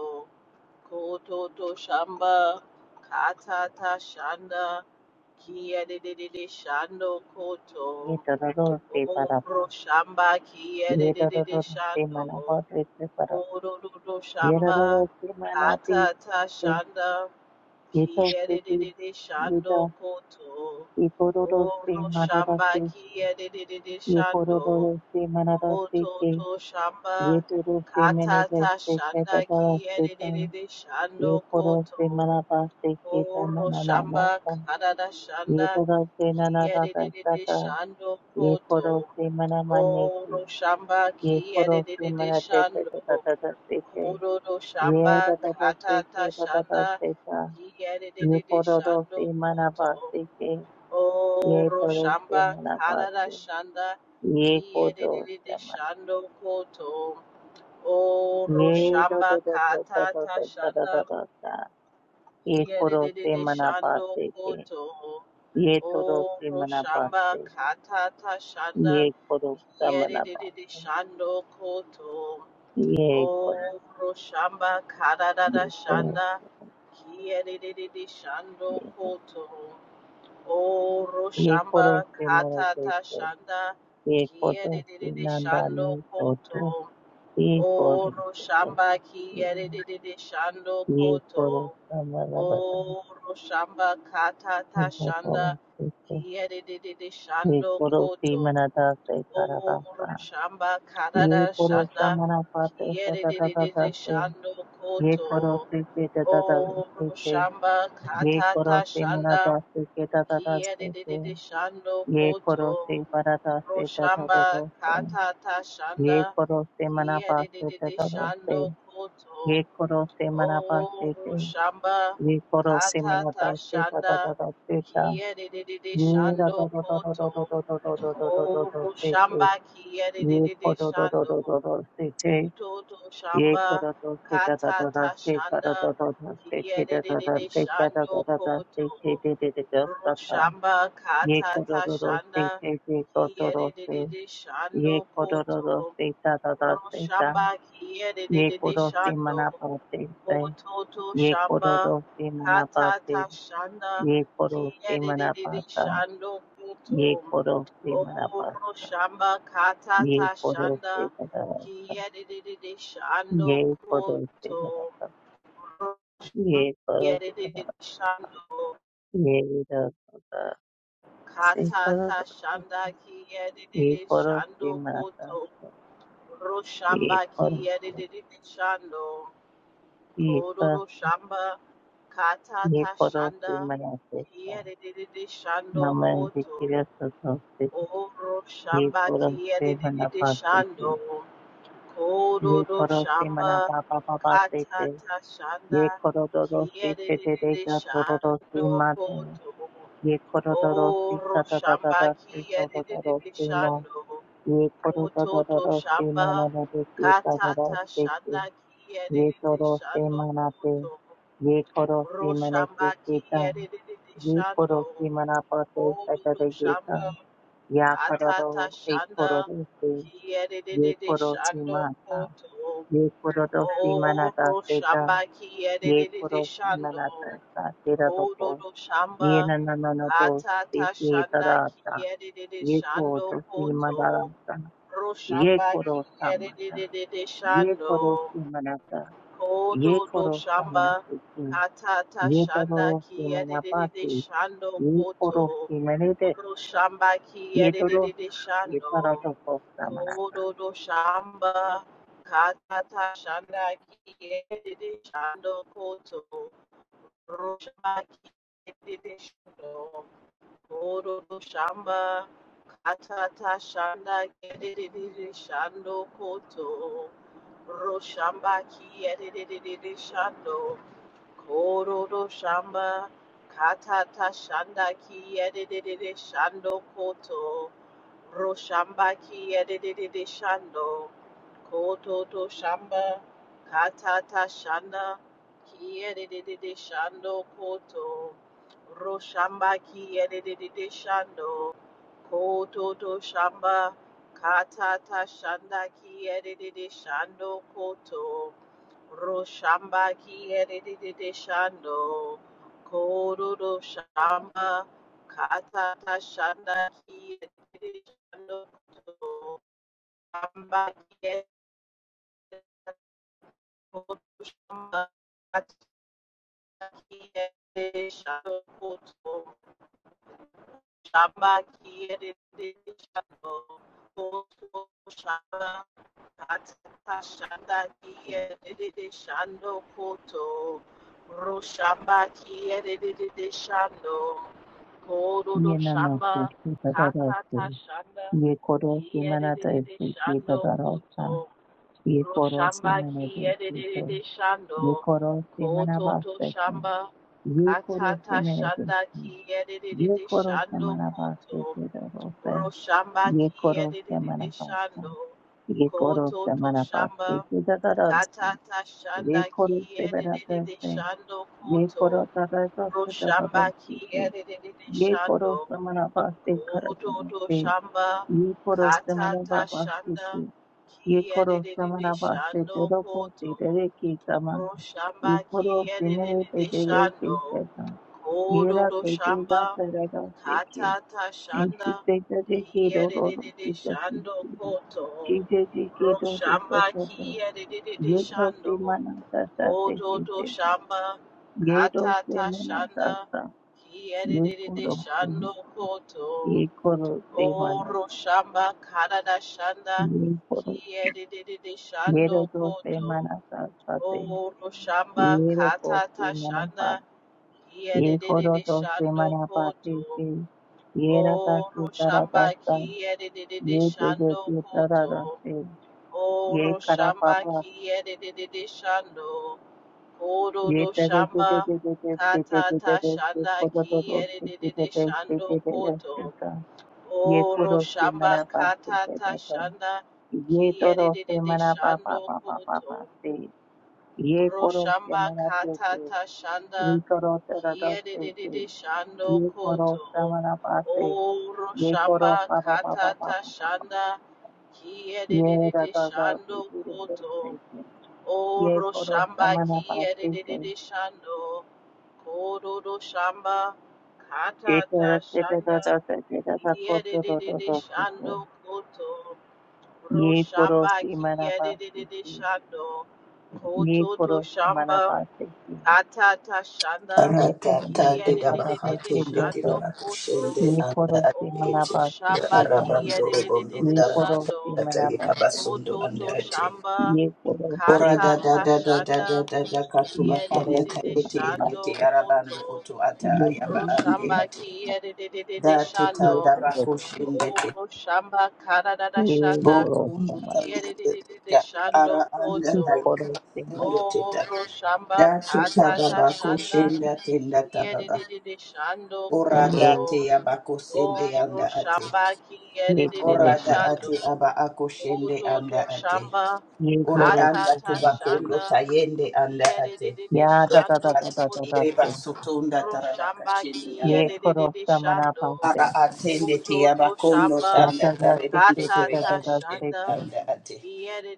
Speaker 1: kototo shamba katata shanda kiyedididi shando koto
Speaker 2: ye da da da se para
Speaker 1: roshamba
Speaker 2: Ye koro se
Speaker 1: kiyedididi shando
Speaker 2: mana
Speaker 1: kototo shamba katata shanda Kiyadididi shando koto. Oro shamba kiyadididi shando. Moto to shamba. Katata shanda kiyadididi shando koto. Oro shamba kadada shanda kiyadididi shando koto.
Speaker 2: mane ki,
Speaker 1: Oro shamba
Speaker 2: ye koro se
Speaker 1: kiyadididi
Speaker 2: mana te pe te ta Yeporose manabase ke ta nananasa. Yetorose
Speaker 1: shando.
Speaker 2: nanadasa ta se
Speaker 1: Kororo shamba
Speaker 2: Ye da da da se
Speaker 1: katata
Speaker 2: ke da da da
Speaker 1: shanda
Speaker 2: se ta. Ye
Speaker 1: yiyadididi
Speaker 2: ko do do
Speaker 1: shando
Speaker 2: se mana
Speaker 1: koto
Speaker 2: ba se ke. Ye
Speaker 1: oro
Speaker 2: do do se
Speaker 1: shamba
Speaker 2: mana ba
Speaker 1: karara
Speaker 2: se.
Speaker 1: shanda
Speaker 2: Ye ko do
Speaker 1: kiyadididi
Speaker 2: se ma.
Speaker 1: shando koto oro
Speaker 2: Ye do
Speaker 1: shamba
Speaker 2: do do do da da
Speaker 1: katata
Speaker 2: da da da
Speaker 1: shanda
Speaker 2: da da da. Ye ko do se
Speaker 1: kiyadididi
Speaker 2: mana ba
Speaker 1: shando
Speaker 2: se ke.
Speaker 1: koto
Speaker 2: Ye do do se
Speaker 1: oro
Speaker 2: mana ba
Speaker 1: shamba
Speaker 2: se.
Speaker 1: katata shanda
Speaker 2: Ye ko do se mana ba
Speaker 1: kiyadididi
Speaker 2: se.
Speaker 1: shando koto
Speaker 2: Ye ko do.
Speaker 1: O Roshamba Kadadada
Speaker 2: Ye ko do se.
Speaker 1: Shanda Kiedididi Shando Koto. O
Speaker 2: Ye ko do
Speaker 1: Roshamba
Speaker 2: se mana se
Speaker 1: Katata
Speaker 2: ke.
Speaker 1: Shanda
Speaker 2: Ye ko do se
Speaker 1: Kiedididi
Speaker 2: nanda
Speaker 1: Shando
Speaker 2: ni ko do.
Speaker 1: Koto.
Speaker 2: Ye ko
Speaker 1: O
Speaker 2: do.
Speaker 1: Roshamba Kiedididi Shando
Speaker 2: Ye koro
Speaker 1: Koto.
Speaker 2: samara bata.
Speaker 1: O Roshamba
Speaker 2: Ye
Speaker 1: Katata
Speaker 2: koro
Speaker 1: Shanda
Speaker 2: seko.
Speaker 1: Kiedididi
Speaker 2: Ye
Speaker 1: Shando
Speaker 2: koro
Speaker 1: Koto.
Speaker 2: simana da se
Speaker 1: Oh,
Speaker 2: karabasa.
Speaker 1: Shamba
Speaker 2: Ye
Speaker 1: Karada
Speaker 2: koro
Speaker 1: Shanda
Speaker 2: samana pate se da da da da
Speaker 1: Kiyedidididi
Speaker 2: se.
Speaker 1: Shando
Speaker 2: Ye koro
Speaker 1: Koto.
Speaker 2: se se da da da
Speaker 1: Oh,
Speaker 2: se se.
Speaker 1: Shamba
Speaker 2: Ye koro
Speaker 1: Katata
Speaker 2: simana
Speaker 1: Shanda
Speaker 2: da se ke da da da se se.
Speaker 1: Kiyedidididi Shando
Speaker 2: Ye koro
Speaker 1: Koto.
Speaker 2: se para da se da da da
Speaker 1: Roshamba
Speaker 2: da se.
Speaker 1: Katata
Speaker 2: Ye
Speaker 1: Shanda
Speaker 2: koro simana pa se da
Speaker 1: Kiyedidididi
Speaker 2: da da se.
Speaker 1: Shando Koto.
Speaker 2: Ye koro simana pa
Speaker 1: O
Speaker 2: se se.
Speaker 1: Roshamba
Speaker 2: Ye koro simana
Speaker 1: Katata
Speaker 2: da se da da
Speaker 1: Shanda
Speaker 2: da da se da.
Speaker 1: Kiyedidididi
Speaker 2: ye
Speaker 1: Shando Koto. Koro shamba kiyerere shando kutoto shamba katata shanda kiyerere shando koto ro shamba katata shanda kiyerere shando koto ro shamba kiyerere shando Ototo Shamba Hatata Shanda
Speaker 2: koro se
Speaker 1: Kiedididi
Speaker 2: manapata,
Speaker 1: Shando
Speaker 2: ye
Speaker 1: Kuto
Speaker 2: koro se manapata.
Speaker 1: Oro Shamba
Speaker 2: ये
Speaker 1: Katata
Speaker 2: करो से
Speaker 1: Shanda
Speaker 2: करा
Speaker 1: Kiedididi Shando
Speaker 2: ये करो से
Speaker 1: Kuto
Speaker 2: करा ये करो करा
Speaker 1: Kiedididi Shando
Speaker 2: ये करो करा से करो
Speaker 1: Katata
Speaker 2: करा
Speaker 1: Shanda
Speaker 2: ये
Speaker 1: Kiedididi
Speaker 2: करो से
Speaker 1: Shando
Speaker 2: मरा
Speaker 1: Kuto
Speaker 2: करा ये
Speaker 1: Roshamba
Speaker 2: करो
Speaker 1: Kiedididi Shando
Speaker 2: ये
Speaker 1: Kororo
Speaker 2: करो
Speaker 1: shamba
Speaker 2: ये
Speaker 1: katata
Speaker 2: करो
Speaker 1: shanda
Speaker 2: से मरा से
Speaker 1: kiyadididi shando
Speaker 2: नम
Speaker 1: koto
Speaker 2: जिक्र सतो से
Speaker 1: oro
Speaker 2: ये
Speaker 1: shamba
Speaker 2: करो से मना
Speaker 1: kiyadididi
Speaker 2: पाते
Speaker 1: shando
Speaker 2: थे ये
Speaker 1: kororo
Speaker 2: करो से
Speaker 1: shamba
Speaker 2: मना पापा पापा से थे
Speaker 1: katata shanda
Speaker 2: ये करो दो दो से थे तेरे
Speaker 1: kiyadididi
Speaker 2: का तो दो दो
Speaker 1: shando
Speaker 2: से माता
Speaker 1: koto
Speaker 2: ye koro doro si ta
Speaker 1: oro
Speaker 2: ta ta ta
Speaker 1: shamba
Speaker 2: ta si to do do do
Speaker 1: kiyadididi
Speaker 2: si ma
Speaker 1: shando
Speaker 2: ye koro do
Speaker 1: koto
Speaker 2: do do
Speaker 1: to
Speaker 2: do si
Speaker 1: shamba
Speaker 2: ma na na de si ta do do
Speaker 1: katata
Speaker 2: si ki
Speaker 1: shanda
Speaker 2: ye to
Speaker 1: kiyadididi
Speaker 2: do si
Speaker 1: shando
Speaker 2: ma na te
Speaker 1: koto
Speaker 2: ye koro si ma na ki
Speaker 1: Roshamba
Speaker 2: ki ta
Speaker 1: kiyerere
Speaker 2: ye koro
Speaker 1: shando,
Speaker 2: si ma na pa te sa ta
Speaker 1: odudu
Speaker 2: de ye ta
Speaker 1: shamba
Speaker 2: ya koro do
Speaker 1: katata
Speaker 2: e koro
Speaker 1: shanda
Speaker 2: do si ye
Speaker 1: kiyerere
Speaker 2: koro si ma
Speaker 1: shando
Speaker 2: ta
Speaker 1: koto.
Speaker 2: ye koro do si ma na
Speaker 1: Oh,
Speaker 2: ta se ta
Speaker 1: roshamba
Speaker 2: ye
Speaker 1: kiyerere
Speaker 2: koro si ma
Speaker 1: shando,
Speaker 2: na ta sa te ra do po
Speaker 1: odudu
Speaker 2: ye
Speaker 1: shamba
Speaker 2: na na na na do si
Speaker 1: katata
Speaker 2: si ta
Speaker 1: shanda
Speaker 2: da
Speaker 1: kiyerere shando
Speaker 2: Yekoro
Speaker 1: koto.
Speaker 2: simanata.
Speaker 1: Roshamba
Speaker 2: Yekoro samata.
Speaker 1: kiyerere
Speaker 2: Yekoro
Speaker 1: shando.
Speaker 2: simanata.
Speaker 1: Kodo do
Speaker 2: Yekoro
Speaker 1: shamba
Speaker 2: samanatuki.
Speaker 1: katata shanda
Speaker 2: Yetoro
Speaker 1: ki yedididi
Speaker 2: simanapati.
Speaker 1: shando
Speaker 2: Yekoro
Speaker 1: koto.
Speaker 2: simanete.
Speaker 1: Kodo shamba ki
Speaker 2: Yetoro
Speaker 1: yedididi shando.
Speaker 2: yetarotoko samanata.
Speaker 1: Kodo do shamba katata shanda ki yedididi shando koto. Kodo shamba ki yedididi shando. Ororo shamba katata shanda kererere shando koto roshamba kiyererere shando kororo shamba katata shanda kiyererere shando koto Roshamba ki edididi shando. Kototo shamba. Katata shanda. Ki edididi shando koto. Roshamba ki edididi shando. Kototo shamba. Katata shanda ki edididi shando koto. Roshamba ki kiyerere shando, kororo shamba, katata shanda kiyerere shando, shamba kiyerere koto shamba, katata kiyerere shando koto, shamba kiyerere shando koto shamba Atakashanda kiye dedede shando koto. Roshamba kiye dedede shando. Kododo shamba
Speaker 2: Yenanato
Speaker 1: katata
Speaker 2: simanatase.
Speaker 1: shanda
Speaker 2: Yekoro
Speaker 1: kiye
Speaker 2: simanata
Speaker 1: dedede
Speaker 2: esiki
Speaker 1: shando koto.
Speaker 2: tadarosa. Yekoro
Speaker 1: Roshamba kiye
Speaker 2: simanete sito.
Speaker 1: dedede shando.
Speaker 2: Yekoro
Speaker 1: Koto to
Speaker 2: simanabaseki.
Speaker 1: shamba
Speaker 2: Yekoro
Speaker 1: katata
Speaker 2: simanete.
Speaker 1: shanda kiye dedede
Speaker 2: Yekoro
Speaker 1: shando
Speaker 2: Semanabasa
Speaker 1: koto.
Speaker 2: Kedarose.
Speaker 1: Roshamba
Speaker 2: Yekoro
Speaker 1: Kiedididi
Speaker 2: Semanabasa.
Speaker 1: shando
Speaker 2: Yekoro
Speaker 1: Koto
Speaker 2: Semanabasa
Speaker 1: Toshamba,
Speaker 2: Kedarose.
Speaker 1: Katata Shanda
Speaker 2: Yekoro
Speaker 1: Kiedididi
Speaker 2: Semanabasa.
Speaker 1: shando
Speaker 2: Yekoro
Speaker 1: Koto,
Speaker 2: Tadarose
Speaker 1: Roshamba
Speaker 2: Tadarose.
Speaker 1: Kiedididi
Speaker 2: Yekoro
Speaker 1: shando
Speaker 2: Semanabasa
Speaker 1: Koto
Speaker 2: Karasamase.
Speaker 1: Toshamba,
Speaker 2: Yekoro
Speaker 1: Katata
Speaker 2: Semanabasa.
Speaker 1: Shanda
Speaker 2: Yekoro
Speaker 1: Kiedididi
Speaker 2: Semanabasa
Speaker 1: shando
Speaker 2: Teroko
Speaker 1: Koto,
Speaker 2: Tereke Sama.
Speaker 1: Roshamba
Speaker 2: Yekoro Sinele
Speaker 1: Kiedididi
Speaker 2: Tereke
Speaker 1: shando
Speaker 2: Sama.
Speaker 1: Koto
Speaker 2: Yera Tereke
Speaker 1: Toshamba,
Speaker 2: Sama.
Speaker 1: Katata
Speaker 2: And she
Speaker 1: Shanda
Speaker 2: said that they get out all those
Speaker 1: Kiyedididi
Speaker 2: things that she
Speaker 1: Shando
Speaker 2: did.
Speaker 1: Koto
Speaker 2: She said they get out and so
Speaker 1: Roshamba
Speaker 2: forth.
Speaker 1: Kiyedididi
Speaker 2: Ye cup the
Speaker 1: Shando
Speaker 2: manata that they
Speaker 1: koto to
Speaker 2: said.
Speaker 1: Shamba
Speaker 2: Ye do se
Speaker 1: Katata
Speaker 2: manata
Speaker 1: Shanda
Speaker 2: sa. Ye
Speaker 1: Kiyedididi
Speaker 2: koro se ma.
Speaker 1: Shando Koto
Speaker 2: Ye koro se
Speaker 1: Oro
Speaker 2: manata.
Speaker 1: Shamba Kadada Shanda
Speaker 2: Ye koro.
Speaker 1: Kiyedididi
Speaker 2: Ye
Speaker 1: Shando
Speaker 2: do se
Speaker 1: Koto
Speaker 2: manata sa te.
Speaker 1: Oro Shamba
Speaker 2: Ye do ko se
Speaker 1: Katata
Speaker 2: manapa.
Speaker 1: Shanda
Speaker 2: Ye koro
Speaker 1: Kiyedididi
Speaker 2: do se
Speaker 1: Shando
Speaker 2: manapa te
Speaker 1: Koto
Speaker 2: se. Ye rata
Speaker 1: Oro
Speaker 2: se
Speaker 1: shamba
Speaker 2: tarata sa.
Speaker 1: ki edededede
Speaker 2: Ye te de
Speaker 1: shando
Speaker 2: se
Speaker 1: koto.
Speaker 2: tarata se. Ye
Speaker 1: Oro
Speaker 2: kara
Speaker 1: shamba
Speaker 2: papa
Speaker 1: ki edededede shando. Kodo
Speaker 2: Yeh
Speaker 1: do
Speaker 2: taray che che
Speaker 1: shamba
Speaker 2: che che che che
Speaker 1: kata
Speaker 2: che che che
Speaker 1: ta shanda ki
Speaker 2: che che che
Speaker 1: edededede
Speaker 2: che kholo to rosti che
Speaker 1: shando
Speaker 2: che che che
Speaker 1: koto.
Speaker 2: che.
Speaker 1: O
Speaker 2: Yeh
Speaker 1: Roshamba,
Speaker 2: koro sthmana paaste
Speaker 1: kata
Speaker 2: che che.
Speaker 1: ta
Speaker 2: Yeh
Speaker 1: shanda ki
Speaker 2: to rosti
Speaker 1: edededede
Speaker 2: mana pa pa
Speaker 1: shando
Speaker 2: pa pa pa pa
Speaker 1: koto.
Speaker 2: paaste. Yeh koro
Speaker 1: Roshamba
Speaker 2: sthmana che che.
Speaker 1: Katata Shanda
Speaker 2: Yeh to rota rota che che.
Speaker 1: Kiedididi Shando
Speaker 2: Yeh koro
Speaker 1: Koto
Speaker 2: sthmana paaste.
Speaker 1: O
Speaker 2: Yeh koro
Speaker 1: Roshamba
Speaker 2: pa pa pa pa pa
Speaker 1: Katata
Speaker 2: pa pa pa.
Speaker 1: Shanda
Speaker 2: Yeh rota
Speaker 1: Kiedididi
Speaker 2: rota che
Speaker 1: Shando
Speaker 2: che
Speaker 1: Koto
Speaker 2: che che.
Speaker 1: O
Speaker 2: Yeh koro
Speaker 1: Roshamba
Speaker 2: sthmana paaste.
Speaker 1: Kiedididi Shando Kodo Roshamba
Speaker 2: Etera
Speaker 1: Katata
Speaker 2: etera
Speaker 1: Shanda
Speaker 2: tata etera takoto toto
Speaker 1: Kiedididi
Speaker 2: toto.
Speaker 1: Shando Koto
Speaker 2: Ye
Speaker 1: Roshamba
Speaker 2: korosi manabasi.
Speaker 1: Kiedididi Shando
Speaker 2: Ye
Speaker 1: Koto to
Speaker 2: korosi
Speaker 1: Shamba
Speaker 2: manabasi.
Speaker 1: Atata Shanda
Speaker 2: Ye tata
Speaker 3: Ratata
Speaker 2: tata
Speaker 3: dida
Speaker 1: Kiyadidididi
Speaker 3: bahati
Speaker 2: tata
Speaker 3: ndikiri
Speaker 2: toto.
Speaker 1: Shando Koto
Speaker 3: bakushende
Speaker 2: Ye
Speaker 3: anda
Speaker 2: korosi
Speaker 3: ati iti
Speaker 1: Oro
Speaker 2: manabasi
Speaker 1: Shamba
Speaker 2: tata.
Speaker 3: arabando robondo
Speaker 1: Kiyadidididi
Speaker 2: Ye
Speaker 3: tarakata
Speaker 2: korosi
Speaker 1: Shando
Speaker 3: tata
Speaker 2: manabasi.
Speaker 3: yekabasundo anda
Speaker 1: Kototo
Speaker 3: ati
Speaker 1: Shamba
Speaker 2: Ye
Speaker 3: ora
Speaker 2: korosi
Speaker 3: da da
Speaker 2: manabasi.
Speaker 1: Katata
Speaker 3: da da da da
Speaker 1: Shanda
Speaker 3: da da
Speaker 2: Ye
Speaker 3: katuba kanda
Speaker 2: korosi
Speaker 1: Kiyadidididi
Speaker 3: tayeti yendeti
Speaker 1: Shando
Speaker 2: manabasi.
Speaker 3: arabando
Speaker 1: Koto
Speaker 3: utu ata
Speaker 2: Ye
Speaker 3: ayaba
Speaker 1: Oro
Speaker 2: korosi.
Speaker 3: ande
Speaker 1: Shamba
Speaker 3: ati
Speaker 1: Kiyadidididi
Speaker 3: da tita
Speaker 2: Ye
Speaker 1: Shando
Speaker 3: da
Speaker 2: korosi.
Speaker 3: bakushende ti
Speaker 1: Oro Shamba Karadada
Speaker 2: Ye
Speaker 1: Shanda
Speaker 3: bokundu
Speaker 2: korosi manabasi.
Speaker 3: tayende tita
Speaker 1: Kiyadidididi Shando
Speaker 3: ara anda
Speaker 2: Ye
Speaker 1: Koto
Speaker 2: korosi
Speaker 3: tayekabasundo tita
Speaker 1: Oro Shamba
Speaker 3: da tuta
Speaker 1: Katata
Speaker 3: baba
Speaker 1: Shanda
Speaker 3: kushenda tenda tababa
Speaker 1: Kiyedididi shando koto.
Speaker 3: Orada
Speaker 2: manabasi.
Speaker 3: te abako sende
Speaker 1: Oro
Speaker 3: anda ate.
Speaker 1: shamba
Speaker 2: Ye
Speaker 1: kiyedididi
Speaker 2: korosi
Speaker 3: Orada
Speaker 1: shando.
Speaker 3: ate aba ako shende
Speaker 1: Koto to
Speaker 3: anda ate.
Speaker 1: shamba.
Speaker 2: Yek
Speaker 3: Ore
Speaker 2: horos
Speaker 1: Kata
Speaker 2: te
Speaker 3: anda
Speaker 1: ta
Speaker 3: tubakondo
Speaker 1: shanda.
Speaker 3: tayende anda ate.
Speaker 1: Kiyedididi
Speaker 2: ya da da
Speaker 1: shando
Speaker 2: da
Speaker 3: Yaka
Speaker 2: da
Speaker 3: ate
Speaker 2: da da
Speaker 1: koto.
Speaker 2: da
Speaker 3: kiri
Speaker 2: se.
Speaker 3: basutunda
Speaker 1: Oro
Speaker 3: tarabaka
Speaker 1: shamba
Speaker 3: shende anda.
Speaker 2: Yek horos
Speaker 1: kiyedididi
Speaker 2: ta mana
Speaker 1: shando.
Speaker 2: pas te
Speaker 3: Ara atende
Speaker 1: Koto
Speaker 3: te
Speaker 1: to
Speaker 3: abakondo
Speaker 1: shamba.
Speaker 2: ya
Speaker 3: tanda
Speaker 2: da da se
Speaker 3: tarebende
Speaker 2: te
Speaker 1: Kata
Speaker 2: da
Speaker 3: kiri
Speaker 2: da
Speaker 1: ta
Speaker 2: da
Speaker 3: bako
Speaker 2: da
Speaker 3: shende
Speaker 2: se
Speaker 1: shanda.
Speaker 2: te.
Speaker 3: anda ate.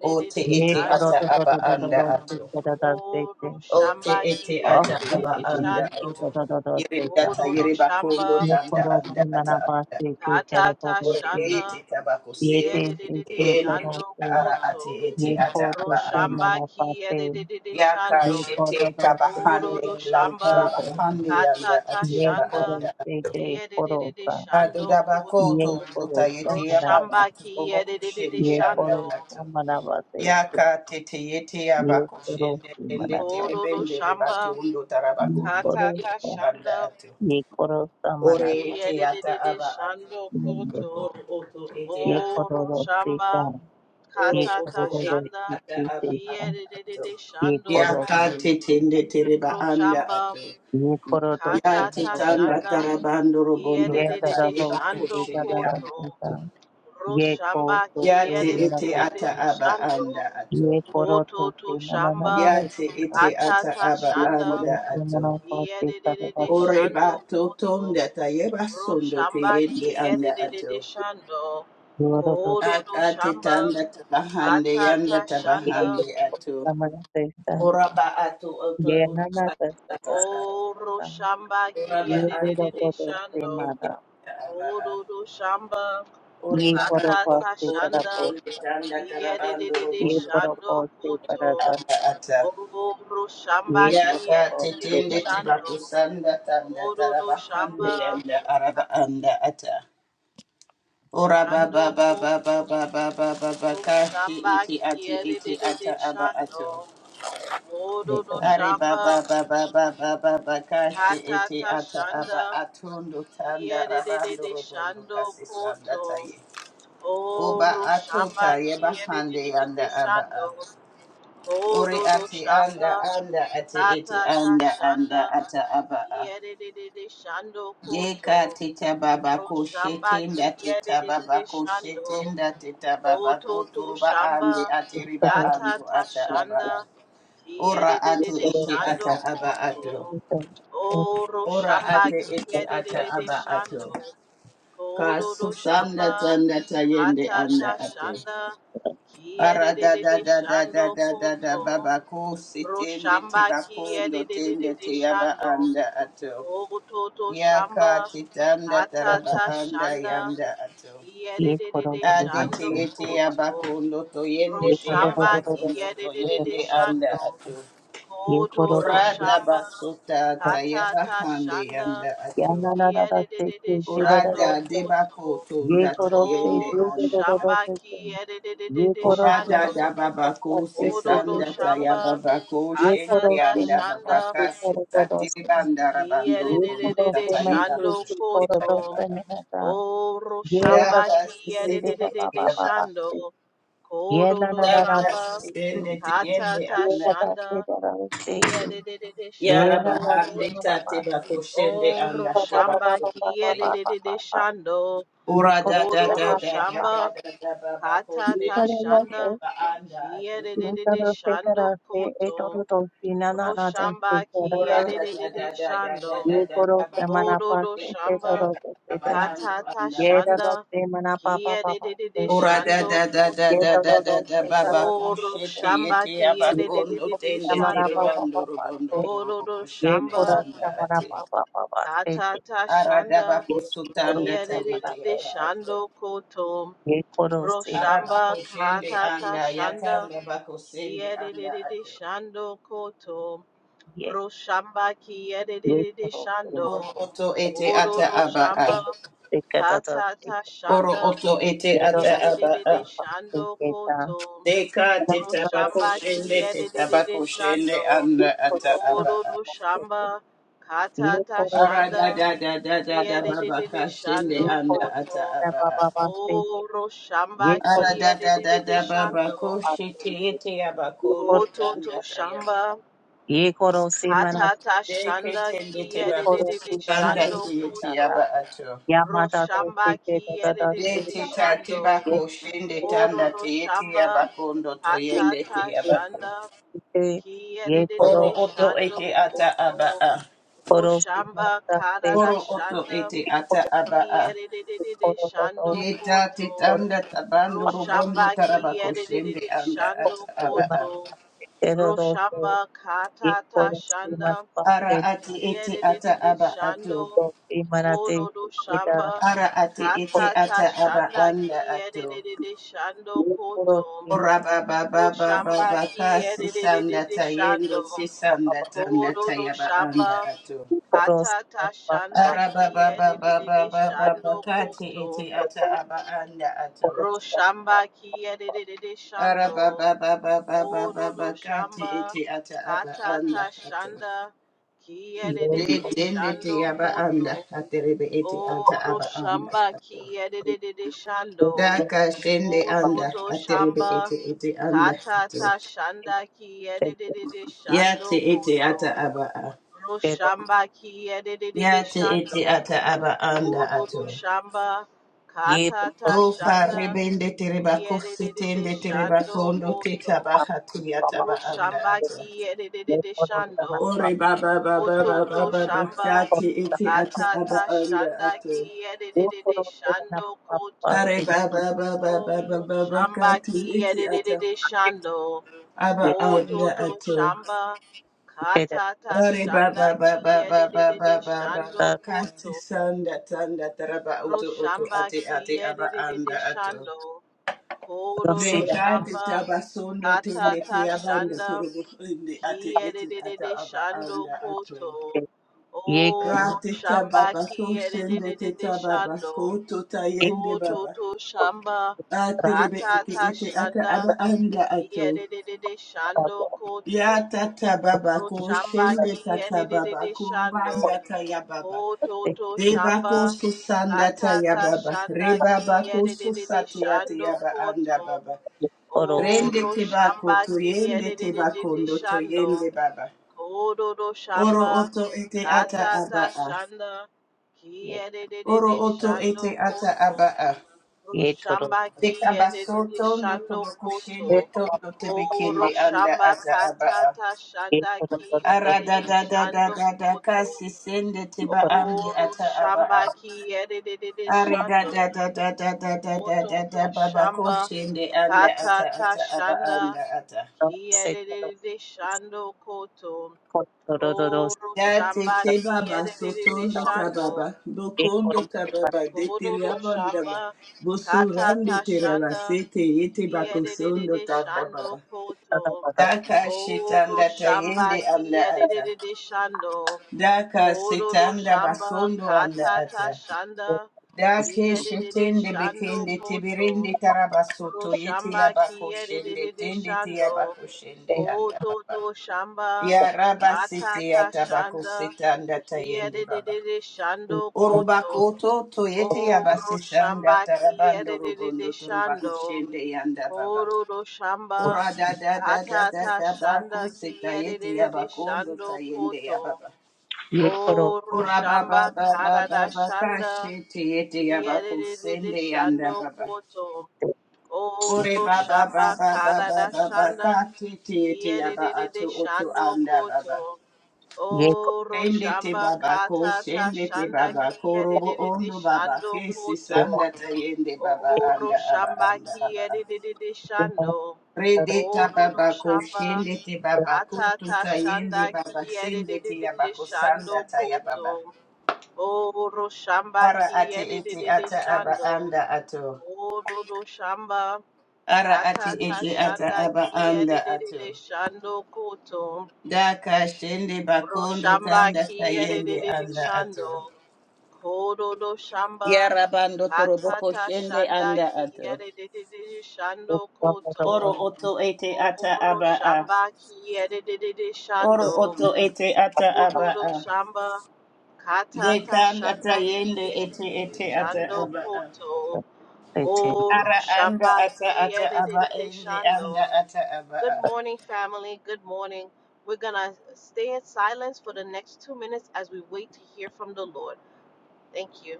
Speaker 3: Ote
Speaker 2: Yek
Speaker 3: ete
Speaker 2: horo
Speaker 1: shando
Speaker 3: ata
Speaker 2: da da
Speaker 3: aba
Speaker 2: da da
Speaker 1: koto.
Speaker 2: da
Speaker 3: anda
Speaker 2: da se
Speaker 3: ato.
Speaker 2: da da da se te.
Speaker 1: Oro
Speaker 3: Ote
Speaker 1: shamba
Speaker 3: ete
Speaker 2: Ah
Speaker 3: ata
Speaker 2: te
Speaker 3: aba
Speaker 2: te
Speaker 1: kiyedididi
Speaker 2: te te
Speaker 3: anda
Speaker 1: shando.
Speaker 2: te
Speaker 3: ato.
Speaker 2: da da da da
Speaker 3: Yiri
Speaker 2: se ka.
Speaker 3: data
Speaker 1: Koto to
Speaker 3: yiri
Speaker 1: shamba.
Speaker 2: Yek
Speaker 3: tanda
Speaker 2: horos
Speaker 3: anda
Speaker 2: te mana pas
Speaker 3: ata.
Speaker 2: te te
Speaker 1: Ta
Speaker 2: ya da
Speaker 1: ta
Speaker 2: da
Speaker 1: ta
Speaker 2: se
Speaker 3: Ore
Speaker 2: te.
Speaker 3: ete
Speaker 1: shanda
Speaker 3: tabako
Speaker 2: Yete
Speaker 3: sende
Speaker 2: te te
Speaker 3: ete
Speaker 1: kiedede
Speaker 2: te
Speaker 3: ende
Speaker 2: toro
Speaker 1: shando
Speaker 3: tita
Speaker 2: se.
Speaker 3: ara
Speaker 1: koto
Speaker 3: ate ete
Speaker 2: Yek
Speaker 3: ata aba
Speaker 2: horos te
Speaker 3: an.
Speaker 1: roshamba
Speaker 2: mana pas te.
Speaker 1: kiedede
Speaker 3: Yaka
Speaker 1: shando
Speaker 2: Yek da
Speaker 3: shete
Speaker 2: da se te da
Speaker 3: tabahande
Speaker 2: da
Speaker 1: kododo
Speaker 3: la
Speaker 2: se
Speaker 1: shamba
Speaker 2: te da.
Speaker 3: harabahande
Speaker 1: kata
Speaker 3: yanda
Speaker 1: ta
Speaker 3: ate
Speaker 2: Yek
Speaker 3: aba
Speaker 2: da
Speaker 1: shanda
Speaker 2: da
Speaker 3: anda.
Speaker 2: se te horos
Speaker 1: kiedede
Speaker 2: ta.
Speaker 3: Ado
Speaker 1: shando koto
Speaker 3: dabako
Speaker 2: Ye
Speaker 3: to buta
Speaker 2: koro
Speaker 3: yete aba
Speaker 2: samanata.
Speaker 1: roshamba
Speaker 3: oboko
Speaker 1: kiedede
Speaker 3: shende
Speaker 2: Ye
Speaker 3: anda
Speaker 1: shando
Speaker 2: koro
Speaker 3: kato.
Speaker 2: samanavate.
Speaker 3: Yaka tete yete
Speaker 2: Ye
Speaker 3: abako
Speaker 2: koro
Speaker 3: shende ende
Speaker 2: samanata.
Speaker 1: kododo
Speaker 3: tiribende
Speaker 1: shamba
Speaker 3: ribato undo
Speaker 2: Ye
Speaker 3: tarabakondo
Speaker 1: kata
Speaker 2: koro
Speaker 1: ta
Speaker 2: sa.
Speaker 3: anda
Speaker 1: shanda
Speaker 3: ato.
Speaker 2: Ye koro
Speaker 3: Ore
Speaker 2: samanata.
Speaker 3: ete ata
Speaker 1: kiedede
Speaker 3: aba ato.
Speaker 1: shando
Speaker 2: Ye
Speaker 1: koto
Speaker 3: Oro oto
Speaker 2: Ye
Speaker 3: ete
Speaker 1: o
Speaker 2: koro
Speaker 1: roshamba
Speaker 2: rosika.
Speaker 3: Oro
Speaker 2: Ye
Speaker 1: Katata
Speaker 3: oso
Speaker 2: koro
Speaker 3: ete
Speaker 1: Shanda
Speaker 3: ata aba
Speaker 2: rosikitesa.
Speaker 3: ata ato.
Speaker 1: Yedede
Speaker 2: Ye
Speaker 1: Shando
Speaker 3: Ya
Speaker 2: koro
Speaker 3: ka
Speaker 2: se.
Speaker 1: Koto
Speaker 3: te tende tere anda
Speaker 1: Roshamba
Speaker 3: ato.
Speaker 2: Ye koro dose
Speaker 3: Ya te
Speaker 1: Katata
Speaker 3: tanda
Speaker 1: Shanda
Speaker 2: nadavase.
Speaker 3: tarabando robondo
Speaker 2: Ye
Speaker 3: tata
Speaker 1: Yedede
Speaker 3: yeba
Speaker 2: dadado seke
Speaker 1: Shando
Speaker 3: koshende anda
Speaker 1: Koto
Speaker 2: dadadaseka.
Speaker 3: ato.
Speaker 2: Ye ko
Speaker 1: Roshamba
Speaker 3: Ya
Speaker 2: dose
Speaker 3: te ete ata
Speaker 2: nadavasa.
Speaker 1: Kiyedede
Speaker 3: aba
Speaker 1: Shando
Speaker 3: anda ato.
Speaker 2: Ye koro
Speaker 1: Koto
Speaker 2: dose
Speaker 1: to Shamba
Speaker 3: Ya te
Speaker 2: nananananaikesa.
Speaker 3: ete ata
Speaker 1: Katata
Speaker 3: aba
Speaker 2: This photo
Speaker 1: Shanda
Speaker 2: is
Speaker 3: anda
Speaker 2: taken from
Speaker 3: ato.
Speaker 2: the top of the tower.
Speaker 1: Yedede
Speaker 3: Ore
Speaker 1: Shando
Speaker 3: ba to
Speaker 1: Koto
Speaker 3: tonda ta yeba sondo te
Speaker 1: Roshamba
Speaker 3: yende anda
Speaker 1: Kiyedede
Speaker 3: ato.
Speaker 1: Shando
Speaker 2: The photo is
Speaker 1: Kodo do
Speaker 3: Aka te
Speaker 1: Shamba
Speaker 3: tanda tabahande
Speaker 1: Katata
Speaker 3: yanda
Speaker 2: taken
Speaker 1: Shanda
Speaker 2: from the
Speaker 3: tabahande
Speaker 2: top of
Speaker 3: ato.
Speaker 2: the tower.
Speaker 3: Oraba ato oto
Speaker 2: The
Speaker 3: oto
Speaker 2: photo is taken from the
Speaker 3: aba a.
Speaker 1: Oro shamba
Speaker 3: Oraba ato
Speaker 2: top
Speaker 3: oto
Speaker 1: kiyedede
Speaker 2: of the tower.
Speaker 1: shando.
Speaker 3: ete
Speaker 2: The
Speaker 3: aba a.
Speaker 1: Kododo shamba
Speaker 3: Oraba
Speaker 2: photo is taken from the top
Speaker 3: ato
Speaker 1: katata
Speaker 2: of the
Speaker 3: oto
Speaker 1: shanda.
Speaker 2: tower.
Speaker 3: ete tanda karabando
Speaker 1: Kiyedede
Speaker 2: The
Speaker 3: robondo
Speaker 2: photo is
Speaker 1: shando
Speaker 2: taken
Speaker 1: koto.
Speaker 2: from
Speaker 3: aba ata.
Speaker 1: Oro shamba
Speaker 3: Yaka
Speaker 1: kiyedede
Speaker 3: tetende
Speaker 1: shando.
Speaker 3: tibato sanda tanda
Speaker 1: Kododo
Speaker 3: taraba hande
Speaker 1: shamba
Speaker 3: yanda araba anda ata. Oraba
Speaker 1: shando
Speaker 3: ba ba ba ba ba
Speaker 1: koto.
Speaker 3: ba ba ba ba
Speaker 1: Oro
Speaker 3: kashi
Speaker 1: shamba
Speaker 3: iti ati iti ata
Speaker 1: kiyedede
Speaker 3: aba ato.
Speaker 1: shando. Kododo
Speaker 3: Ari baba
Speaker 1: shamba
Speaker 3: baba baba baba kashi ete
Speaker 1: katata
Speaker 3: ata aba
Speaker 1: shanda.
Speaker 3: atondo tanda rabando
Speaker 1: Kiyedede
Speaker 3: robondo
Speaker 1: shando
Speaker 3: kasi sanda
Speaker 1: koto.
Speaker 3: taye.
Speaker 1: Oh,
Speaker 3: Oba atota
Speaker 1: Roshamba
Speaker 3: yeba hande
Speaker 1: Kiedididididi
Speaker 3: anda aba a.
Speaker 1: Shando.
Speaker 3: Ore
Speaker 1: Kodo do
Speaker 3: ate anda
Speaker 1: Shamba.
Speaker 3: anda ate ete
Speaker 1: Tata ta
Speaker 3: anda anda
Speaker 1: Shanda.
Speaker 3: ata aba a.
Speaker 1: Kiedidididi Shando
Speaker 3: Deka
Speaker 1: Koto.
Speaker 3: teta baba ko
Speaker 1: Roshamba
Speaker 3: shetenda teta
Speaker 1: Kiedidididi
Speaker 3: baba ko
Speaker 1: Shando.
Speaker 3: shetenda teta baba ko
Speaker 1: Koto to
Speaker 3: turba ande
Speaker 1: Shamba.
Speaker 3: ate riba
Speaker 1: Tata
Speaker 3: ando
Speaker 1: ta
Speaker 3: ata aba a.
Speaker 1: Shanda.
Speaker 3: Ora ate
Speaker 1: Kiedidididi
Speaker 3: ete
Speaker 1: Shando
Speaker 3: ata aba ato.
Speaker 1: Koto. Oh,
Speaker 3: Ora
Speaker 1: Roshamba
Speaker 3: ate ete ata
Speaker 1: Kiedidididi
Speaker 3: aba ato.
Speaker 1: Shando.
Speaker 3: Ka
Speaker 1: Kodo do
Speaker 3: susanda
Speaker 1: Shamba.
Speaker 3: tanda tayende anda
Speaker 1: Atata
Speaker 3: ato.
Speaker 1: Shanda
Speaker 3: Ara da da
Speaker 1: Kiedididi
Speaker 3: da da da
Speaker 1: Shando
Speaker 3: da da da
Speaker 1: Koto
Speaker 3: baba ko sitende
Speaker 1: Roshamba
Speaker 3: tibakondo tende
Speaker 1: Kiedididi
Speaker 3: tiaba
Speaker 1: Shando
Speaker 3: anda ato.
Speaker 1: Ototo
Speaker 3: Yaka
Speaker 1: Shamba
Speaker 3: titanda taraba
Speaker 1: Atata
Speaker 3: anda
Speaker 1: Shanda
Speaker 3: yanda ato.
Speaker 2: the top of
Speaker 1: Kiedididi
Speaker 3: Ade
Speaker 1: Shando
Speaker 3: tiyete
Speaker 2: the tower.
Speaker 1: Koto
Speaker 3: yabakondo toyende
Speaker 2: Ye da da da da
Speaker 1: Roshamba
Speaker 2: da da da
Speaker 3: tiyabakondo toyende
Speaker 1: Kiedididi
Speaker 3: anda
Speaker 1: Shando
Speaker 3: ato.
Speaker 1: Kototo
Speaker 3: Urada
Speaker 1: Shamba
Speaker 3: basuta tayaba
Speaker 1: Katata
Speaker 3: hande
Speaker 1: Shanda
Speaker 3: yanda
Speaker 2: da
Speaker 3: ato.
Speaker 2: da da da se
Speaker 1: Kiedididi Shando
Speaker 3: Orada debako
Speaker 1: Koto
Speaker 2: ye
Speaker 3: tonda
Speaker 2: koro se
Speaker 1: O
Speaker 3: tayende
Speaker 2: ku da
Speaker 3: anda
Speaker 2: da da da
Speaker 1: Roshamba
Speaker 2: se
Speaker 3: kato.
Speaker 2: se ye
Speaker 1: Kiedididi
Speaker 2: koro
Speaker 3: Orada
Speaker 1: Shando
Speaker 3: da babako
Speaker 1: Ododo
Speaker 3: sisanda taya
Speaker 1: shamba
Speaker 3: babako shende
Speaker 1: atata
Speaker 2: se
Speaker 3: anda
Speaker 2: na na da
Speaker 1: shanda
Speaker 2: se
Speaker 3: babaka
Speaker 2: se se
Speaker 3: sisatiri
Speaker 2: se
Speaker 3: banda rabando
Speaker 2: se ye
Speaker 3: robondo
Speaker 2: koro
Speaker 1: kiyedededede
Speaker 2: se na na se koro da da se ye koro se na na
Speaker 3: tatayiba.
Speaker 2: se
Speaker 1: shando
Speaker 2: se koro da
Speaker 1: koto
Speaker 2: se na na da
Speaker 1: oro
Speaker 2: ye da
Speaker 1: shamba
Speaker 2: da
Speaker 3: Daka
Speaker 2: se se
Speaker 3: sisiti
Speaker 2: da ye ye ye ye ye ye ye ye ba
Speaker 3: yeti
Speaker 1: kiyedededede
Speaker 2: ba ba
Speaker 3: yaba.
Speaker 2: ba
Speaker 1: shando
Speaker 2: na na
Speaker 1: kododo
Speaker 2: na na na na na na
Speaker 3: Daka
Speaker 2: na na
Speaker 1: shamba
Speaker 3: sisende tiyende
Speaker 1: atata
Speaker 3: anda.
Speaker 1: shanda kiyedededede
Speaker 2: na
Speaker 1: shando
Speaker 3: Yaraba ande
Speaker 1: koto
Speaker 2: na
Speaker 3: tate
Speaker 2: ba
Speaker 3: bako shende
Speaker 1: oro
Speaker 2: Ye koro se mana se
Speaker 3: anda
Speaker 1: shamba
Speaker 3: tebako taye.
Speaker 1: kiyedededede shando
Speaker 3: Ora da da
Speaker 1: kododo
Speaker 3: da da da
Speaker 1: shamba
Speaker 3: da da da babako
Speaker 1: atata
Speaker 3: shende
Speaker 1: shanda
Speaker 3: anda ato.
Speaker 1: kiyedededede shando koto Roshamba
Speaker 3: Ora da da
Speaker 1: kiyedede
Speaker 3: da da da da
Speaker 1: shando.
Speaker 3: da da da ba ko
Speaker 1: Ododo
Speaker 3: se ka
Speaker 1: shamba
Speaker 3: da da ba ando
Speaker 1: katata
Speaker 3: anda ate.
Speaker 1: shanda kiyedede
Speaker 3: Ora da
Speaker 1: shando
Speaker 3: da da da da
Speaker 1: koto.
Speaker 3: da da da ba ba ko
Speaker 1: Oro
Speaker 3: she te ye
Speaker 1: shamba
Speaker 3: te ya ba ko ndo
Speaker 1: kiyedede
Speaker 3: tende te re ba
Speaker 1: shando.
Speaker 3: ndo ro bo ndo to ro bo ko
Speaker 1: Kododo
Speaker 3: she
Speaker 2: ye
Speaker 3: ne
Speaker 1: shamba
Speaker 3: anda ate.
Speaker 1: katata
Speaker 3: Ara da ba
Speaker 1: shanda
Speaker 3: ko su tanda ta ye te ya
Speaker 1: kiyedede
Speaker 3: ba ate.
Speaker 1: shando koto.
Speaker 2: koro se
Speaker 3: Ara ba ko
Speaker 1: Roshamba
Speaker 3: shende
Speaker 1: katata
Speaker 3: anda ya
Speaker 1: shanda
Speaker 3: tanda ba ko sende anda
Speaker 1: kiyedede
Speaker 3: ate.
Speaker 1: shando koto. Roshamba kiyedede
Speaker 2: Yekoro kurima
Speaker 1: shando.
Speaker 3: Oro oto ete ata
Speaker 1: Ororo
Speaker 3: aba a.
Speaker 1: shamba
Speaker 2: ekeke sekadada
Speaker 1: katata
Speaker 3: Oro
Speaker 1: shanda
Speaker 3: oto ete ata
Speaker 2: yeroro
Speaker 3: aba a.
Speaker 1: yedididi
Speaker 2: kanpa
Speaker 1: shando
Speaker 2: seketa
Speaker 1: koto
Speaker 3: Deka te
Speaker 2: kanpa
Speaker 3: tabako
Speaker 1: roshamba ki
Speaker 3: shende te
Speaker 1: yedididi
Speaker 3: tabako shende
Speaker 1: shando
Speaker 3: anda ata
Speaker 2: yekoro
Speaker 3: aba a.
Speaker 1: ororo
Speaker 2: samseke
Speaker 1: shamba katata
Speaker 2: yekoro
Speaker 3: Ara da
Speaker 1: shanda
Speaker 3: da da da da da
Speaker 2: samata
Speaker 3: baba
Speaker 1: yedididi
Speaker 3: ka shende
Speaker 1: shando
Speaker 3: anda
Speaker 2: yekoro
Speaker 3: ata
Speaker 1: koto
Speaker 2: sekta
Speaker 3: aba a.
Speaker 2: baba baste
Speaker 1: oro shamba
Speaker 3: Ara
Speaker 2: yekoro
Speaker 1: ki
Speaker 3: da da da
Speaker 1: yedididi
Speaker 3: da baba
Speaker 1: shando
Speaker 3: ko
Speaker 2: samate
Speaker 3: shete ete abako ndo
Speaker 2: yekoro
Speaker 1: koto to
Speaker 3: tanda
Speaker 2: seka
Speaker 3: ta yaba. a.
Speaker 1: shamba
Speaker 2: yekoro semana
Speaker 1: katata
Speaker 3: Deke
Speaker 1: shanda
Speaker 3: tende
Speaker 1: ki
Speaker 3: te bako
Speaker 2: yekoro
Speaker 1: yedididi
Speaker 2: semana
Speaker 3: shitanda
Speaker 1: shando
Speaker 3: te ete
Speaker 2: sekata
Speaker 3: yaba
Speaker 1: koto
Speaker 3: ato.
Speaker 2: yamata to
Speaker 1: Roshamba
Speaker 2: seketa
Speaker 1: ki
Speaker 2: dada
Speaker 1: yedididi
Speaker 2: sekta
Speaker 3: Dete ta te
Speaker 1: shando
Speaker 3: bako
Speaker 2: yekoro
Speaker 3: shende tanda
Speaker 1: Ororo
Speaker 3: te ete
Speaker 1: shamba
Speaker 3: yabako ndo to yende te
Speaker 1: atata
Speaker 3: yabako.
Speaker 1: shanda
Speaker 2: yekoro
Speaker 3: Oro
Speaker 1: kiyedede
Speaker 3: oto
Speaker 1: shando
Speaker 3: ete ata aba
Speaker 1: koto
Speaker 3: a.
Speaker 2: yekoro semana
Speaker 1: roshamba karara
Speaker 2: sekta
Speaker 3: Oro oto
Speaker 1: shanda
Speaker 3: ete ata aba a.
Speaker 1: kiyedede shando
Speaker 2: Ye
Speaker 3: Yeta
Speaker 1: koto
Speaker 3: tetanda tabando
Speaker 1: roshamba
Speaker 3: robondo tarabako shende
Speaker 1: kiyedede
Speaker 3: anda
Speaker 1: shando
Speaker 3: ata aba a.
Speaker 1: koto roshamba katata shanda
Speaker 3: Ara ate ete ata
Speaker 1: kiyedede
Speaker 3: aba ato.
Speaker 1: shando ororo shamba
Speaker 3: Ara ate ete
Speaker 1: katata
Speaker 3: ata aba
Speaker 1: shanda
Speaker 3: anda ato.
Speaker 1: kiyedede shando koto
Speaker 3: Ora ba ba
Speaker 1: O
Speaker 3: ba ba ba
Speaker 1: Shamba
Speaker 3: ba ka
Speaker 1: ki
Speaker 3: sisanda
Speaker 1: edidididi
Speaker 3: tayendo
Speaker 1: shando.
Speaker 3: sisanda tanda
Speaker 1: Kododo
Speaker 3: tayaba anda
Speaker 1: Shamba
Speaker 3: ato.
Speaker 1: Hata ta Shanda
Speaker 3: Ara ba
Speaker 1: ki
Speaker 3: ba ba ba ba
Speaker 1: edidididi
Speaker 3: ba ba ba
Speaker 1: shando
Speaker 3: ka te
Speaker 1: koto.
Speaker 3: ete ata aba anda ato.
Speaker 1: Ro Shamba ki edidididi shando. Kododo
Speaker 3: Arabababababababakati
Speaker 1: Shamba
Speaker 3: iti ata aba
Speaker 1: kata
Speaker 3: anda
Speaker 1: ta
Speaker 3: ato.
Speaker 1: Shanda ki
Speaker 3: De
Speaker 1: edidididi
Speaker 3: tende te
Speaker 1: shando
Speaker 3: aba anda
Speaker 1: koto.
Speaker 3: aterebe iti ata
Speaker 1: O Ro
Speaker 3: aba anda
Speaker 1: Shamba ki
Speaker 3: ato.
Speaker 1: edidididi shando.
Speaker 3: Daka shende anda
Speaker 1: Gototo
Speaker 3: aterebe
Speaker 1: Shamba
Speaker 3: iti iti anda ato.
Speaker 1: Katata Shanda Ki Edididi
Speaker 3: Yati
Speaker 1: Shando
Speaker 3: iti
Speaker 1: Koto
Speaker 3: ata aba a.
Speaker 1: Roshamba Ki Edididi
Speaker 3: Yati iti
Speaker 1: Shando
Speaker 3: ata aba anda ato.
Speaker 1: Kododo Shamba Katata
Speaker 3: Tofa
Speaker 1: Shanda
Speaker 3: rebende tereba
Speaker 1: Ki
Speaker 3: kose
Speaker 1: Edididi
Speaker 3: tende tereba
Speaker 1: Shando
Speaker 3: kondo te
Speaker 1: Koto
Speaker 3: tabaha tu yataba anda
Speaker 1: Roshamba
Speaker 3: ato.
Speaker 1: Ki Edididi Shando
Speaker 3: Ori baba baba baba
Speaker 1: Kototo
Speaker 3: baba
Speaker 1: Shamba
Speaker 3: kati iti ata aba
Speaker 1: Katata
Speaker 3: anda
Speaker 1: Shanda
Speaker 3: ato.
Speaker 1: Ki Edididi Shando Koto
Speaker 3: Are baba baba baba
Speaker 1: Oro
Speaker 3: baba
Speaker 1: shamba
Speaker 3: kati
Speaker 1: ki
Speaker 3: iti ata
Speaker 1: edididi shando.
Speaker 3: aba anda
Speaker 1: Kototo
Speaker 3: ato.
Speaker 1: shamba. Katata
Speaker 3: Ori
Speaker 1: shanda
Speaker 3: baba
Speaker 1: ki
Speaker 3: baba baba
Speaker 1: edididi
Speaker 3: baba
Speaker 1: shando
Speaker 3: baba kati
Speaker 1: koto.
Speaker 3: sanda tanda taraba
Speaker 1: Ro
Speaker 3: utu utu
Speaker 1: shamba
Speaker 3: ati
Speaker 1: ki
Speaker 3: ati aba anda
Speaker 1: edididi
Speaker 3: ato.
Speaker 1: shando. Kododo
Speaker 3: De kati
Speaker 1: shamba.
Speaker 3: taba sondo tinde
Speaker 1: Katata
Speaker 3: ti abanda
Speaker 1: shanda
Speaker 3: turubu indi ati
Speaker 1: ki
Speaker 3: iti ata
Speaker 1: edididi
Speaker 3: aba
Speaker 1: shando
Speaker 3: anda ato.
Speaker 1: koto. Oro
Speaker 3: Ratita
Speaker 1: shamba
Speaker 3: baba
Speaker 1: ki
Speaker 3: koshende
Speaker 1: edididi
Speaker 3: teta baba
Speaker 1: shando.
Speaker 3: ko koto tayende baba.
Speaker 1: Kototo shamba.
Speaker 3: Aterebe ete
Speaker 1: Katata
Speaker 3: ete ata
Speaker 1: shanda.
Speaker 3: aba anda ato.
Speaker 1: Yedididi shando koto
Speaker 3: Ya tata baba ko
Speaker 1: roshamba
Speaker 3: shende
Speaker 1: ki
Speaker 3: tata
Speaker 1: yedididi
Speaker 3: baba ko
Speaker 1: shando
Speaker 3: kurubanda taya baba.
Speaker 1: koto to
Speaker 3: Deba
Speaker 1: shamba
Speaker 3: ko susanda taya
Speaker 1: katata
Speaker 3: baba.
Speaker 1: shanda
Speaker 3: Reba
Speaker 1: ki
Speaker 3: baba ko
Speaker 1: yedididi
Speaker 3: susate ate
Speaker 1: shando
Speaker 3: yaba
Speaker 1: koto
Speaker 3: anda baba.
Speaker 1: o
Speaker 3: Rende tebako
Speaker 1: roshamba ki
Speaker 3: toyende
Speaker 1: yedididi
Speaker 3: tebakondo
Speaker 1: shando
Speaker 3: toyende baba.
Speaker 1: kodo do
Speaker 3: Oro
Speaker 1: shamba
Speaker 3: oto ete ata
Speaker 1: katata
Speaker 3: aba a.
Speaker 1: shanda ki
Speaker 3: Oro
Speaker 1: yedididi
Speaker 3: oto
Speaker 1: shando
Speaker 3: ete ata
Speaker 1: koto
Speaker 3: aba a. Deka
Speaker 1: Roshambaki
Speaker 3: baso
Speaker 1: yedede
Speaker 3: tondo
Speaker 1: shando
Speaker 3: tobokushende
Speaker 1: koto.
Speaker 3: tondo
Speaker 1: O
Speaker 3: tebekende anda
Speaker 1: roshamba
Speaker 3: ata abaa.
Speaker 1: katata shandaki
Speaker 3: Ara da
Speaker 1: yedede
Speaker 3: da da da
Speaker 1: shando
Speaker 3: da da
Speaker 1: koto.
Speaker 3: kasi sende teba ande
Speaker 1: O
Speaker 3: ata abaa.
Speaker 1: roshambaki yedede
Speaker 3: Are da
Speaker 1: shando
Speaker 3: da da da da da da da da
Speaker 1: koto
Speaker 3: da
Speaker 1: to
Speaker 3: baba
Speaker 1: shamba
Speaker 3: kushende anda ata
Speaker 1: katata
Speaker 3: ata aba
Speaker 1: shanda
Speaker 3: anda ata.
Speaker 1: ki kiyedede shando koto. O
Speaker 3: Date teba
Speaker 1: roshambaki
Speaker 3: baso
Speaker 1: yedede
Speaker 3: tondo
Speaker 1: shando
Speaker 3: tababa. Bokondo tababa
Speaker 1: koto to
Speaker 3: deteriabondaba.
Speaker 1: shamba
Speaker 3: Bosurande
Speaker 1: katata shanda.
Speaker 3: terabasete yete bakusondo
Speaker 1: Yedede shando
Speaker 3: tababa.
Speaker 1: koto.
Speaker 3: Daka
Speaker 1: Oro
Speaker 3: shitanda
Speaker 1: shamba
Speaker 3: tayende anda ata.
Speaker 1: kiyedede shando.
Speaker 3: Daka
Speaker 1: Kododo
Speaker 3: sitanda
Speaker 1: shamba
Speaker 3: basondo anda
Speaker 1: katata
Speaker 3: ata.
Speaker 1: shanda.
Speaker 3: Dake
Speaker 1: Kiyedede
Speaker 3: shetende
Speaker 1: shando
Speaker 3: bekende
Speaker 1: koto.
Speaker 3: tibirinde
Speaker 1: Oro
Speaker 3: tarabasoto yete
Speaker 1: shamba
Speaker 3: yabako shende
Speaker 1: kiyedede
Speaker 3: tende
Speaker 1: shando.
Speaker 3: tiyabako shende anda
Speaker 1: Koto
Speaker 3: baba.
Speaker 1: to shamba
Speaker 3: Ya raba siti
Speaker 1: katata
Speaker 3: yatabako
Speaker 1: shanda.
Speaker 3: sitanda tayende baba.
Speaker 1: Kiyedede shando koto.
Speaker 3: Orobako toto yete
Speaker 1: Oro shamba
Speaker 3: yabasisanda tarabando
Speaker 1: kiyedede
Speaker 3: robondo turubako
Speaker 1: shando.
Speaker 3: shende yanda baba.
Speaker 1: Kororo shamba
Speaker 3: Ora da da da da da
Speaker 1: katata
Speaker 3: da ba
Speaker 1: shanda
Speaker 3: ku se yeti ya ba
Speaker 1: kiyerere
Speaker 3: kondo
Speaker 1: shando
Speaker 3: ta yende ya
Speaker 1: koto.
Speaker 3: ba ba.
Speaker 1: Oro
Speaker 3: Ora ba
Speaker 1: shamba
Speaker 3: ba ba ba
Speaker 1: karada
Speaker 3: ba ba ka
Speaker 1: shanda
Speaker 3: she yeti ya ba ku
Speaker 1: kiyerere
Speaker 3: sende yanda
Speaker 1: shando
Speaker 3: ba ba.
Speaker 1: koto.
Speaker 3: Ore
Speaker 1: Oro
Speaker 3: ba ba
Speaker 1: shamba
Speaker 3: ba ba ba ba
Speaker 1: karada
Speaker 3: ba ba
Speaker 1: shanda
Speaker 3: ka ke yeti ya ba
Speaker 1: kiyerere
Speaker 3: atu otu
Speaker 1: shando
Speaker 3: anda ba ba.
Speaker 1: koto. Oro
Speaker 3: Ende te
Speaker 1: shamba
Speaker 3: baba ko,
Speaker 1: katata
Speaker 3: shende te
Speaker 1: shanda
Speaker 3: baba ko, robo
Speaker 1: kiyerere
Speaker 3: ondo baba
Speaker 1: shando
Speaker 3: kesi
Speaker 1: koto.
Speaker 3: sanda ta yende baba
Speaker 1: Oro
Speaker 3: anda aba
Speaker 1: shamba
Speaker 3: anda
Speaker 1: ki
Speaker 3: aba anda.
Speaker 1: edididi shando.
Speaker 3: Redeta
Speaker 1: Koro do
Speaker 3: baba
Speaker 1: shamba.
Speaker 3: koshende te baba kutu
Speaker 1: Katata shanda
Speaker 3: tayende
Speaker 1: ki
Speaker 3: baba sende te yaba
Speaker 1: edididi
Speaker 3: kosanda
Speaker 1: shando
Speaker 3: taya baba.
Speaker 1: koto. Oro shamba
Speaker 3: Ara
Speaker 1: ki
Speaker 3: ate ete
Speaker 1: edididi
Speaker 3: ata aba
Speaker 1: shando.
Speaker 3: anda ato.
Speaker 1: Koro do shamba.
Speaker 3: Ara ate
Speaker 1: Katata
Speaker 3: ete ata
Speaker 1: shanda
Speaker 3: aba
Speaker 1: ki
Speaker 3: anda ato.
Speaker 1: edididi shando koto.
Speaker 3: Daka shende
Speaker 1: Oro
Speaker 3: bakondo
Speaker 1: shamba
Speaker 3: tanda
Speaker 1: ki
Speaker 3: tayende
Speaker 1: edididi
Speaker 3: anda ato.
Speaker 1: shando. Koro do shamba.
Speaker 3: Yarabando toroboko
Speaker 1: Atata
Speaker 3: shende
Speaker 1: shanda
Speaker 3: anda ato.
Speaker 1: kiyere dedede shando koto.
Speaker 3: Oro oto ete ata
Speaker 1: Oro
Speaker 3: aba a.
Speaker 1: shamba kiyere dedede
Speaker 3: Oro
Speaker 1: shando.
Speaker 3: oto ete ata aba
Speaker 1: Oro
Speaker 3: a.
Speaker 1: shamba katata
Speaker 3: Zekanda
Speaker 1: shanda
Speaker 3: tayende
Speaker 1: kiyere
Speaker 3: ete
Speaker 1: dedede
Speaker 3: ete ata
Speaker 1: shando
Speaker 3: aba a.
Speaker 1: koto. Oro
Speaker 3: Ara anda
Speaker 1: shamba
Speaker 3: ata
Speaker 1: kiyere
Speaker 3: ata aba
Speaker 1: dedede
Speaker 3: ende anda
Speaker 1: shando.
Speaker 3: ata aba
Speaker 1: Good
Speaker 3: a.
Speaker 1: morning, family. Good morning. We're going to stay in silence for the next two minutes as we wait to hear from the Lord. Thank you.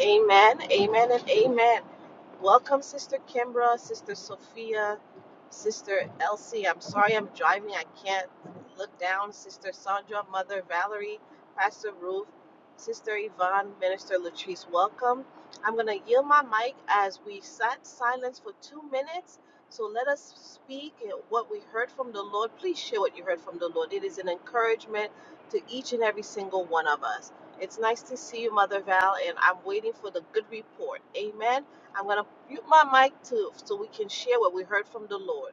Speaker 1: Amen, amen, and amen. Welcome, Sister Kimbra, Sister Sophia, Sister Elsie. I'm sorry I'm driving. I can't look down. Sister Sandra, Mother Valerie, Pastor Ruth, Sister Yvonne, Minister Latrice. Welcome. I'm going to yield my mic as we sat silence for two minutes. So let us speak what we heard from the Lord. Please share what you heard from the Lord. It is an encouragement to each and every single one of us. It's nice to see you, Mother Val, and I'm waiting for the good report. Amen I'm going to mute my mic to so we can share what we heard from the Lord.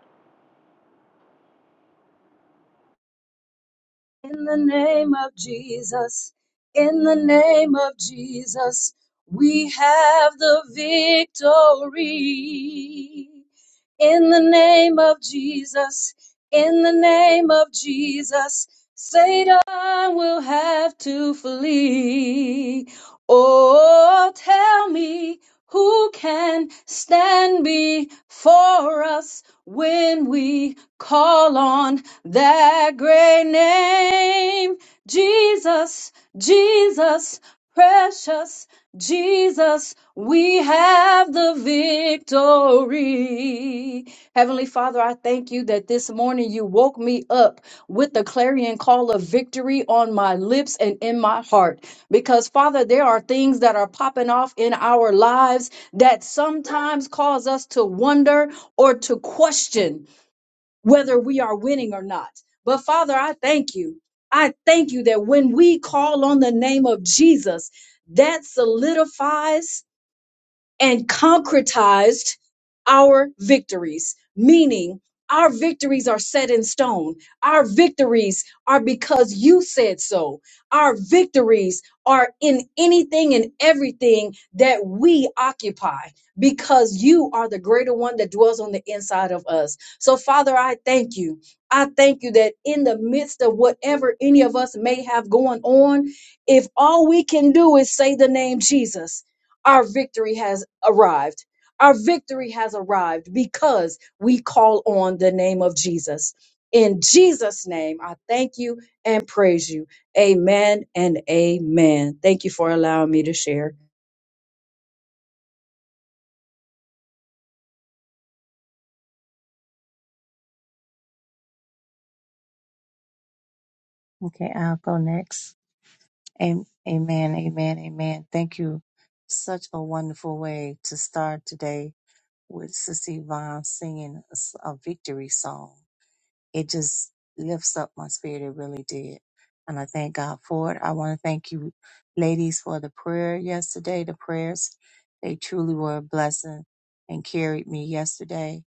Speaker 4: In the name of Jesus, in the name of Jesus, we have the victory. In the name of Jesus, in the name of Jesus, Satan will have to flee. Oh, tell me who can stand before us when we call on that great name. Jesus, Jesus, precious Jesus, we have the victory. Heavenly Father, I thank you that this morning you woke me up with the clarion call of victory on my lips and in my heart. Because, Father, there are things that are popping off in our lives that sometimes cause us to wonder or to question whether we are winning or not. But Father, I thank you. I thank you that when we call on the name of Jesus, that solidifies and concretized our victories, meaning our victories are set in stone. Our victories are because you said so. Our victories are in anything and everything that we occupy because you are the greater one that dwells on the inside of us. So, Father, I thank you. I thank you that in the midst of whatever any of us may have going on, if all we can do is say the name Jesus, our victory has arrived. Our victory has arrived because we call on the name of Jesus. In Jesus' name, I thank you and praise you. Amen and amen. Thank you for allowing me to share.
Speaker 2: Okay, I'll go next. Am- Amen, amen, amen. Thank you. Such a wonderful way to start today with Sissy Vaughn singing a s- a victory song. It just lifts up my spirit. It really did. And I thank God for it. I want to thank you, ladies, for the prayer yesterday, the prayers. They truly were a blessing and carried me yesterday.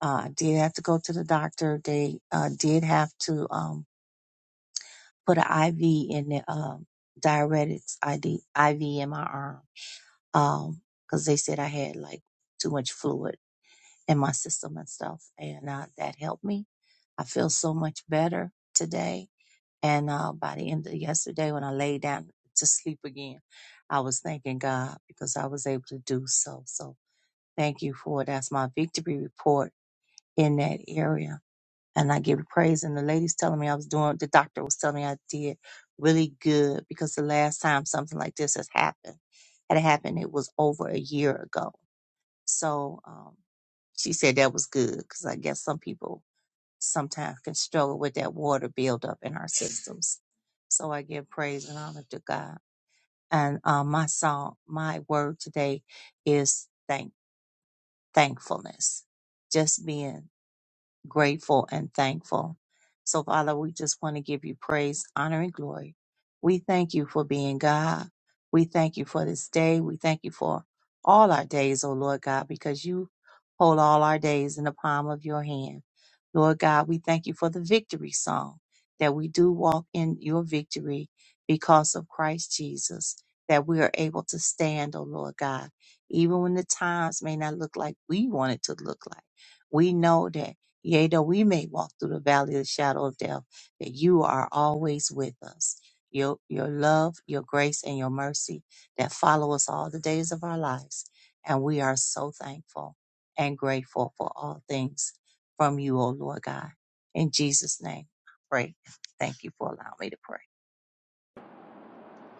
Speaker 2: Uh, I did have to go to the doctor. They uh, did have to. Um, put an IV in the um, diuretics ID, IV in my arm um, because they said I had like too much fluid in my system and stuff, and uh, that helped me. I feel so much better today. And uh, by the end of yesterday, when I lay down to sleep again, I was thanking God because I was able to do so. So thank you for it. that's my victory report in that area and I give you praise. And the ladies telling me I was doing, the doctor was telling me I did really good because the last time something like this has happened, had happened, it was over a year ago. So um, she said that was good because I guess some people sometimes can struggle with that water buildup in our systems. So I give praise and honor to God. And um, my song, my word today is thank thankfulness. Just being grateful and thankful. So, Father, we just want to give you praise, honor, and glory. We thank you for being God. We thank you for this day. We thank you for all our days, O Lord God, because you hold all our days in the palm of your hand. Lord God, we thank you for the victory song that we do walk in your victory because of Christ Jesus, that we are able to stand, O Lord God, even when the times may not look like we want it to look like. We know that. Yea, though we may walk through the valley of the shadow of death, that you are always with us. Your, your love, your grace, and your mercy that follow us all the days of our lives. And we are so thankful and grateful for all things from you, O Lord God. In Jesus' name, I pray. Thank you for allowing me to pray.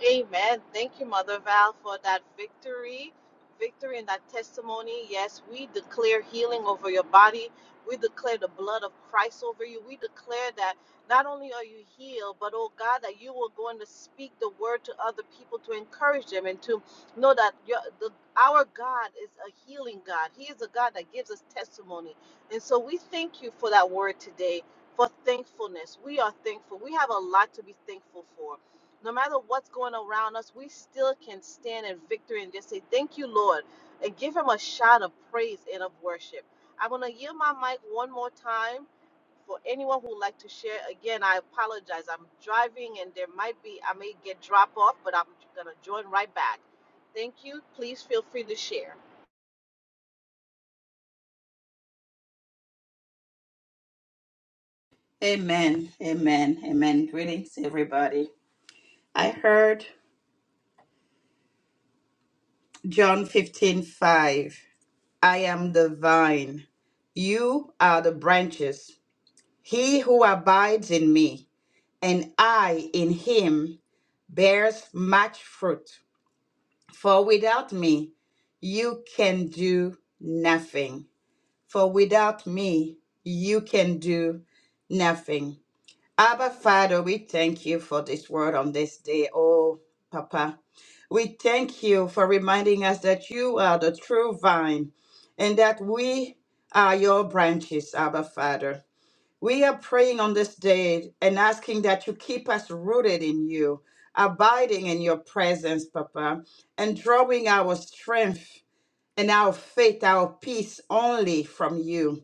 Speaker 1: Amen. Thank you, Mother Val, for that victory, victory and that testimony. Yes, we declare healing over your body. We declare the blood of Christ over you. We declare that not only are you healed, but oh God, that you are going to speak the word to other people to encourage them and to know that your, the, our God is a healing God. He is a God that gives us testimony. And so we thank you for that word today, for thankfulness. We are thankful. We have a lot to be thankful for no matter what's going around us, we still can stand in victory and just say, Thank you, Lord, and give Him a shout of praise and of worship. I'm going to yield my mic one more time for anyone who would like to share. Again, I apologize. I'm driving and there might be, I may get drop off, but I'm going to join right back. Thank you. Please feel free to share.
Speaker 3: Amen. Amen. Amen. Greetings, everybody. I heard John fifteen five. I am the vine. You are the branches. He who abides in me and I in him bears much fruit. For without me, you can do nothing. for without me, you can do nothing. Abba, Father, we thank you for this word on this day. Oh, Papa, we thank you for reminding us that you are the true vine and that we are your branches, Abba, Father. We are praying on this day and asking that you keep us rooted in you, abiding in your presence, Papa, and drawing our strength and our faith, our peace only from you.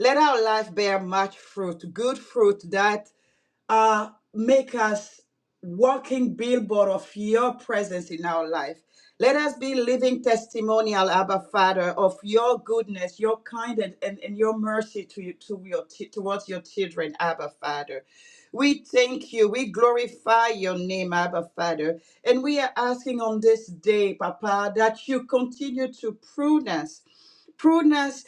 Speaker 3: Let our life bear much fruit, good fruit that uh, make us walking billboard of your presence in our life. Let us be living testimonial, Abba Father, of your goodness, your kindness, and, and your mercy to you, to your towards your children, Abba Father. We thank you. We glorify your name, Abba Father. And we are asking on this day, Papa, that you continue to prune us. Prune us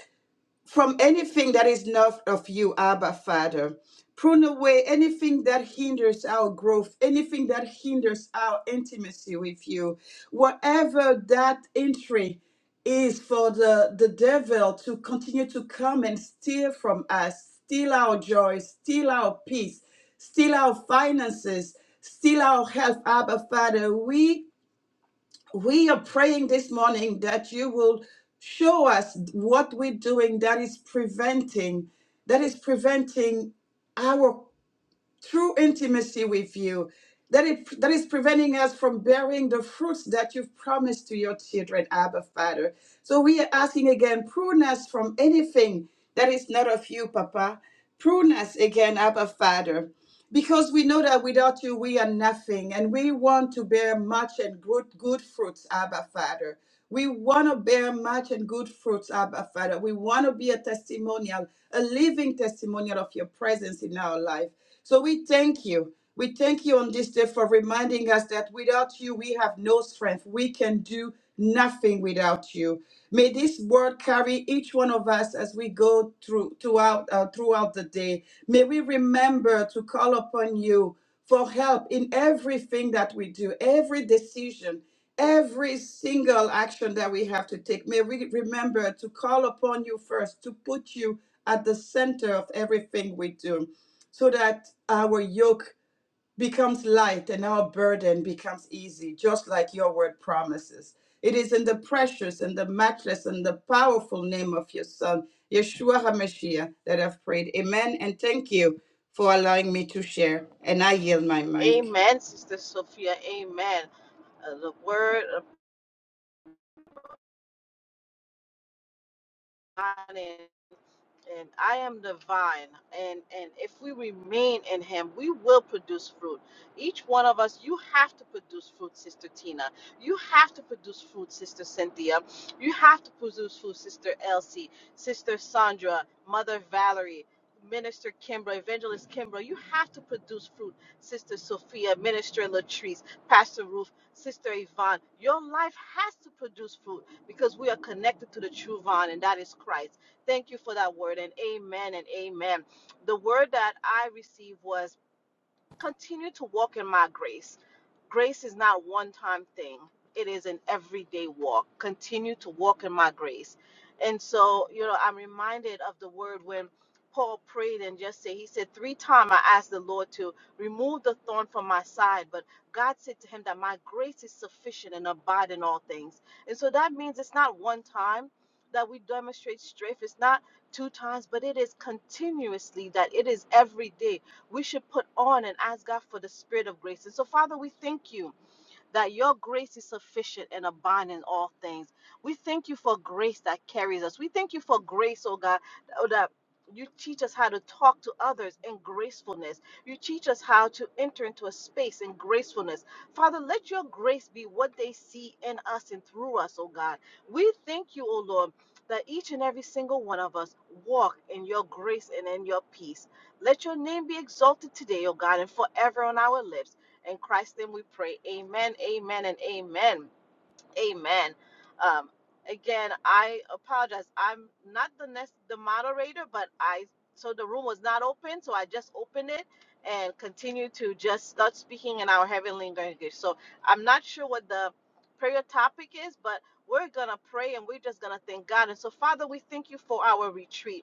Speaker 3: from anything that is not of you, Abba Father. Prune away anything that hinders our growth, anything that hinders our intimacy with you. Whatever that entry is for the, the devil to continue to come and steal from us, steal our joy, steal our peace, steal our finances, steal our health, Abba Father. We we are praying this morning that you will show us what we're doing that is preventing that is preventing our true intimacy with you that it that is preventing us from bearing the fruits that you've promised to your children abba father so we are asking again prune us from anything that is not of you papa prune us again abba father because we know that without you we are nothing and we want to bear much and good good fruits abba father we want to bear much and good fruits abba father we want to be a testimonial a living testimonial of your presence in our life so we thank you. We thank you on this day for reminding us that without you, we have no strength. We can do nothing without you. May this word carry each one of us as we go through throughout uh, throughout the day. May we remember to call upon you for help in everything that we do, every decision, every single action that we have to take. May we remember to call upon you first, to put you at the center of everything we do so that our yoke becomes light and our burden becomes easy, just like your word promises. It is in the precious and the matchless and the powerful name of your Son, Yeshua HaMashiach, that I've prayed. Amen. And thank you for allowing me to share. And I yield my mic.
Speaker 1: Amen, Sister Sophia. Amen. Uh, the word of God and and I am the vine, and and if we remain in Him, we will produce fruit. Each one of us, you have to produce fruit, Sister Tina. You have to produce fruit, Sister Cynthia. You have to produce fruit, Sister Elsie, Sister Sandra, Mother Valerie. Minister Kimbra, Evangelist Kimbra, you have to produce fruit. Sister Sophia, Minister Latrice, Pastor Ruth, Sister Yvonne, your life has to produce fruit because we are connected to the true vine, and that is Christ. Thank you for that word and amen and amen. The word that I received was continue to walk in my grace. Grace is not a one time thing, it is an everyday walk. Continue to walk in my grace. And so, you know, I'm reminded of the word when Paul prayed and just said, He said, Three times I asked the Lord to remove the thorn from my side, but God said to him that my grace is sufficient and abide in all things. And so that means it's not one time that we demonstrate strength, it's not two times, but it is continuously that it is every day we should put on and ask God for the spirit of grace. And so, Father, we thank you that your grace is sufficient and abound in all things. We thank you for grace that carries us. We thank you for grace, oh God, oh, that you teach us how to talk to others in gracefulness. You teach us how to enter into a space in gracefulness. Father, let your grace be what they see in us and through us, oh God. We thank you, oh Lord, that each and every single one of us walk in your grace and in your peace. Let your name be exalted today, oh God, and forever on our lips. In Christ's name we pray. Amen, amen, and amen. Amen. Um, again, I apologize. I'm not the next the moderator, but I so the room was not open, so I just opened it and continued to just start speaking in our heavenly language. So I'm not sure what the prayer topic is, but we're gonna pray and we're just gonna thank God. And so, Father, we thank you for our retreat.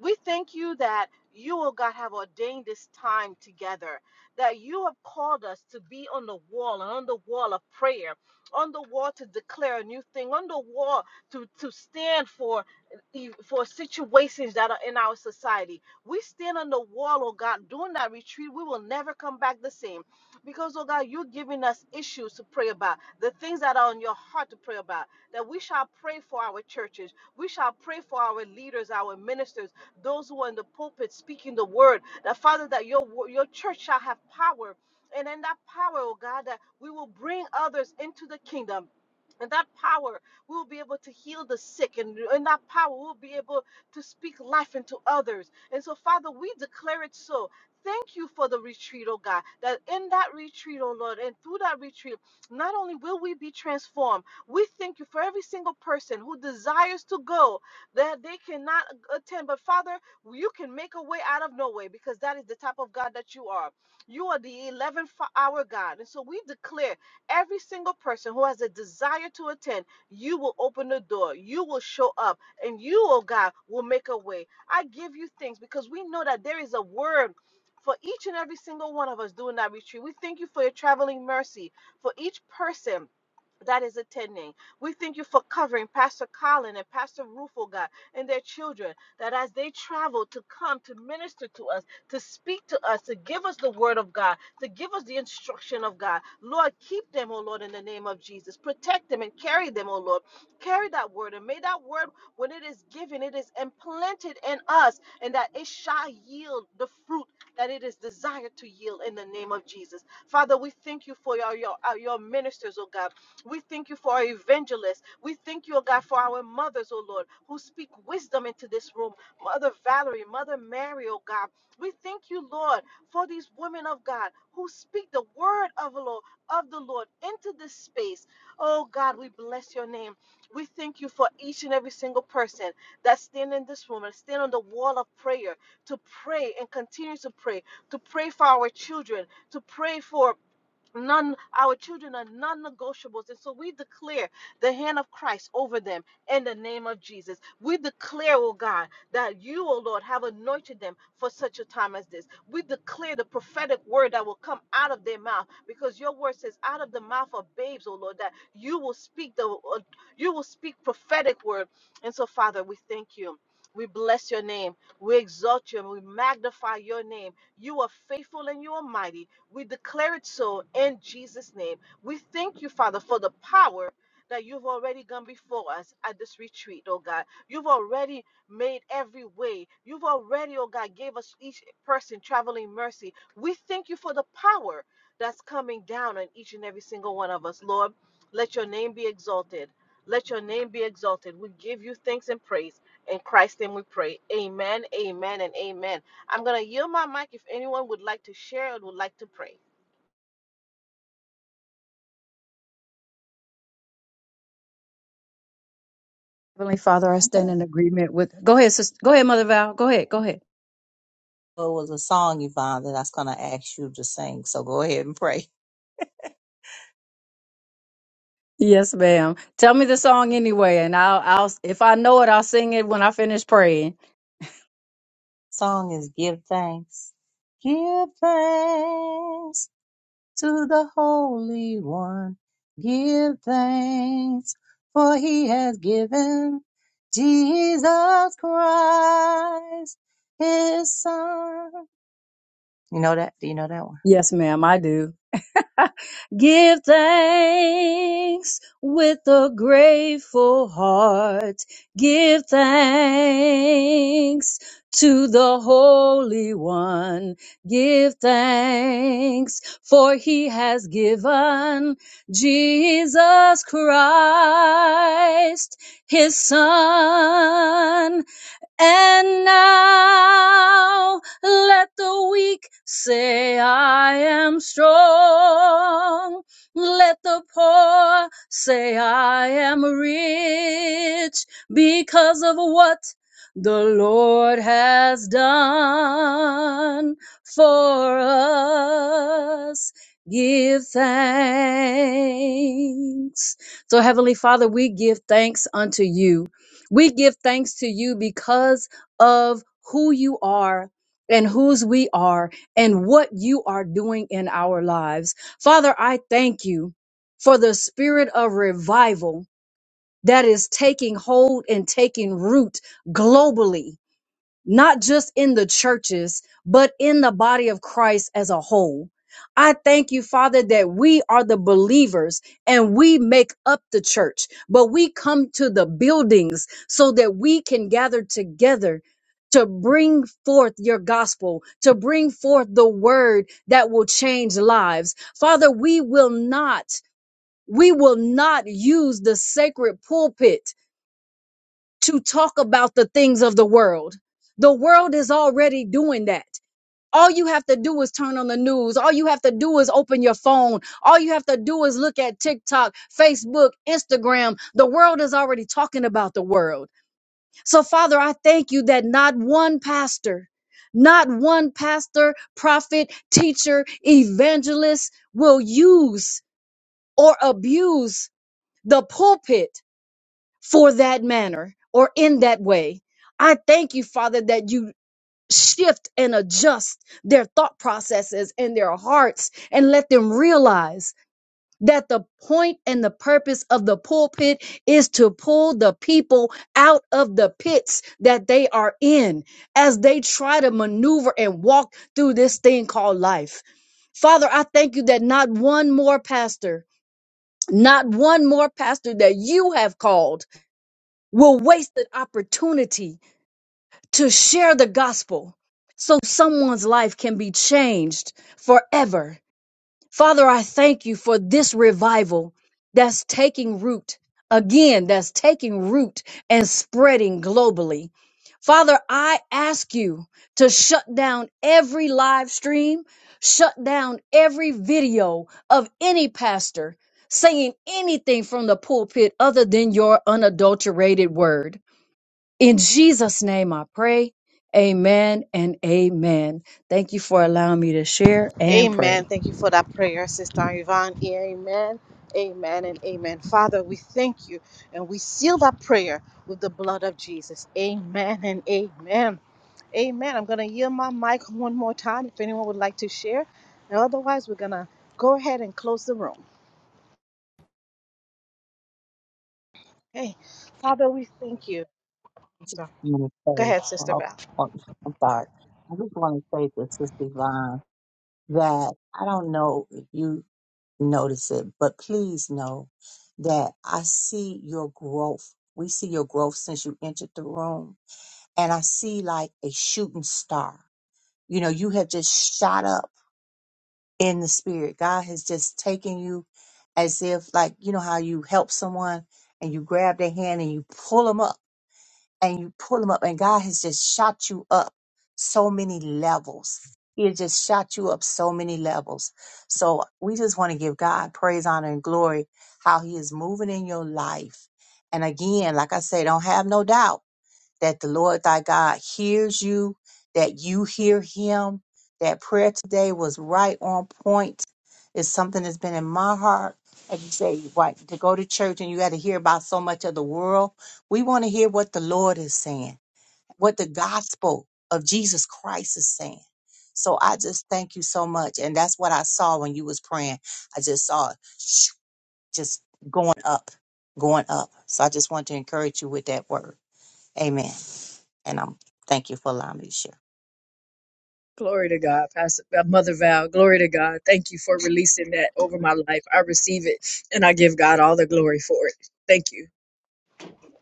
Speaker 1: We thank you that you, oh God, have ordained this time together, that you have called us to be on the wall and on the wall of prayer, on the wall to declare a new thing, on the wall to, to stand for, e, for situations that are in our society. We stand on the wall, oh God, during that retreat, we will never come back the same. Because, oh God, you're giving us issues to pray about, the things that are on your heart to pray about, that we shall pray for our churches. We shall pray for our leaders, our ministers those who are in the pulpit speaking the word, that Father, that your wo- your church shall have power. And in that power, oh God, that we will bring others into the kingdom. And that power, we will be able to heal the sick. And in that power, we'll be able to speak life into others. And so, Father, we declare it so. Thank you for the retreat, oh God, that in that retreat, oh Lord, and through that retreat, not only will we be transformed, we thank you for every single person who desires to go, that they cannot attend. But Father, you can make a way out of no way because that is the type of God that you are. You are the 11th hour God. And so we declare every single person who has a desire to attend, you will open the door, you will show up, and you, oh God, will make a way. I give you thanks because we know that there is a word. For each and every single one of us doing that retreat, we thank you for your traveling mercy for each person that is attending. We thank you for covering Pastor Colin and Pastor Rufo, God, and their children, that as they travel to come to minister to us, to speak to us, to give us the word of God, to give us the instruction of God, Lord, keep them, oh Lord, in the name of Jesus. Protect them and carry them, oh Lord. Carry that word, and may that word, when it is given, it is implanted in us, and that it shall yield the fruit that it is desired to yield in the name of Jesus. Father, we thank you for your, your, uh, your ministers, oh God. We thank you for our evangelists. We thank you, oh God, for our mothers, oh Lord, who speak wisdom into this room. Mother Valerie, Mother Mary, oh God. We thank you, Lord, for these women of God who speak the word of the Lord, of the Lord into this space. Oh God, we bless your name. We thank you for each and every single person that stand in this room and stand on the wall of prayer to pray and continue to pray, to pray for our children, to pray for None, our children are non negotiables. And so we declare the hand of Christ over them in the name of Jesus. We declare, oh God, that you, oh Lord, have anointed them for such a time as this. We declare the prophetic word that will come out of their mouth because your word says, out of the mouth of babes, oh Lord, that you will speak the, uh, you will speak prophetic word. And so, Father, we thank you. We bless your name. We exalt you and we magnify your name. You are faithful and you are mighty. We declare it so in Jesus' name. We thank you, Father, for the power that you've already gone before us at this retreat, oh God. You've already made every way. You've already, oh God, gave us each person traveling mercy. We thank you for the power that's coming down on each and every single one of us, Lord. Let your name be exalted. Let your name be exalted. We give you thanks and praise. In Christ's name we pray. Amen, amen, and amen. I'm going to yield my mic if anyone would like to share or would like to pray.
Speaker 4: Heavenly Father, I
Speaker 2: I
Speaker 4: stand
Speaker 2: have a,
Speaker 4: in agreement with. Go ahead, sister. Go ahead, Mother Val. Go ahead. Go ahead.
Speaker 2: well, it was a song, Yvonne, that I was going to ask you to sing. So go ahead and pray.
Speaker 4: Yes, ma'am. Tell me the song anyway, and I'll, I'll, if I know it, I'll sing it when I finish praying.
Speaker 2: Song is Give Thanks. Give thanks to the Holy One. Give thanks, for he has given Jesus Christ, his son. You know that? Do you know that one?
Speaker 4: Yes, ma'am, I do. Give thanks with a grateful heart. Give thanks to the Holy One. Give thanks for he has given Jesus Christ, his son and now let the weak say, I am strong. Let the poor say, I am rich because of what the Lord has done for us. Give thanks. So, Heavenly Father, we give thanks unto you. We give thanks to you because of who you are and whose we are and what you are doing in our lives. Father, I thank you for the spirit of revival that is taking hold and taking root globally not just in the churches, but in the body of Christ as a whole. I thank you, Father, that we are the believers and we make up the church, but we come to the buildings so that we can gather together to bring forth your gospel, to bring forth the word that will change lives. Father, we will not. We will not use the sacred pulpit to talk about the things of the world. The world is already doing that. All you have to do is turn on the news. All you have to do is open your phone. All you have to do is look at TikTok, Facebook, Instagram. The world is already talking about the world. So, Father, I thank you that not one pastor, not one pastor, prophet, teacher, evangelist will use or abuse the pulpit for that manner or in that way. I thank you, Father, that you shift and adjust their thought processes and their hearts and let them realize that the point and the purpose of the pulpit is to pull the people out of the pits that they are in as they try to maneuver and walk through this thing called life. Father, I thank you that not one more pastor, not one more pastor that you have called will waste an opportunity to share the gospel so someone's life can be changed forever. Father, I thank you for this revival that's taking root. Again, that's taking root and spreading globally. Father, I ask you to shut down every live stream, shut down every video of any pastor saying anything from the pulpit other than your unadulterated word. In Jesus' name I pray. Amen and amen. Thank you for allowing me to share and
Speaker 1: Amen.
Speaker 4: pray.
Speaker 1: Thank you for that prayer, Sister Yvonne. Amen. Amen and amen. Father, we thank you and we seal that prayer with the blood of Jesus. Amen and amen. Amen. I'm going to yield my mic one more time if anyone would like to share. And otherwise, we're going to go ahead and close the room. Hey, Father, we thank you. Go
Speaker 2: I'm gonna say,
Speaker 1: ahead, Sister
Speaker 2: well,
Speaker 1: Val.
Speaker 2: I'm I'm sorry. I just want to say to Sister Yvonne that I don't know if you notice it, but please know that I see your growth. We see your growth since you entered the room, and I see like a shooting star. You know, you have just shot up in the spirit. God has just taken you as if, like, you know, how you help someone and you grab their hand and you pull them up and you pull them up, and God has just shot you up so many levels. He has just shot you up so many levels. So we just want to give God praise, honor, and glory how He is moving in your life. And again, like I say, don't have no doubt that the Lord thy God hears you, that you hear him. That prayer today was right on point. It's something that's been in my heart. Like you say, right, to go to church and you got to hear about so much of the world. We want to hear what the Lord is saying, what the gospel of Jesus Christ is saying. So I just thank you so much. And that's what I saw when you was praying. I just saw it <sniffs> just going up, going up. So I just want to encourage you with that word. Amen. And I'm thank you for allowing me to share.
Speaker 4: Glory to God, Pastor uh, Mother Val. Glory to God. Thank you for releasing that over my life. I receive it and I give God all the glory for it. Thank you.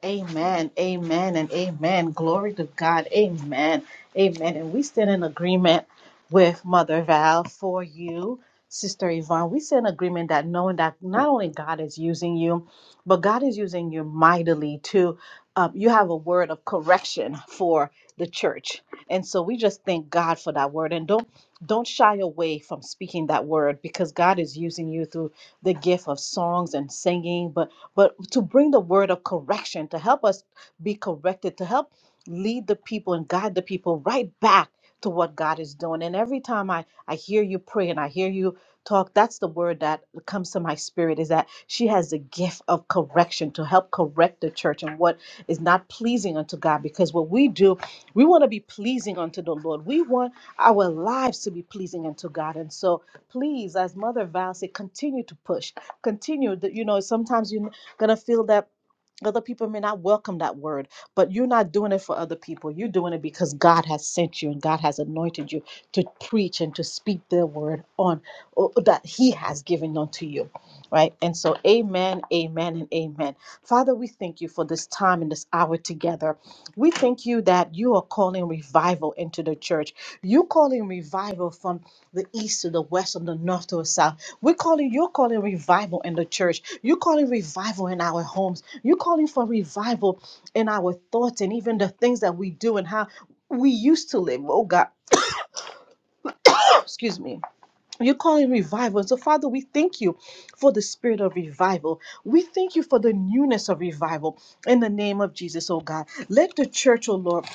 Speaker 1: Amen, amen, and amen. Glory to God. Amen, amen. And we stand in agreement with Mother Val for you, Sister Yvonne. We stand in agreement that knowing that not only God is using you, but God is using you mightily to, um, you have a word of correction for the church. And so we just thank God for that word. And don't don't shy away from speaking that word because God is using you through the gift of songs and singing, but but to bring the word of correction, to help us be corrected, to help lead the people and guide the people right back to what God is doing. And every time I, I hear you pray and I hear you talk, that's the word that comes to my spirit is that she has the gift of correction to help correct the church and what is not pleasing unto God. Because what we do, we want to be pleasing unto the Lord. We want our lives to be pleasing unto God. And so please, as Mother Val said, continue to push. Continue that you know sometimes you gonna feel that other people may not welcome that word, but you're not doing it for other people. You're doing it because God has sent you and God has anointed you to preach and to speak the word on or that He has given unto you. Right? And so, amen, amen, and amen. Father, we thank you for this time and this hour together. We thank you that you are calling revival into the church. You're calling revival from the east to the west, from the north to the south. We're calling, you're calling revival in the church. You're calling revival in our homes. You're calling for revival in our thoughts and even the things that we do and how we used to live. Oh God, <coughs> <clears throat> excuse me. You're calling revival. So, Father, we thank you for the spirit of revival. We thank you for the newness of revival in the name of Jesus, oh God. Let the church, oh Lord,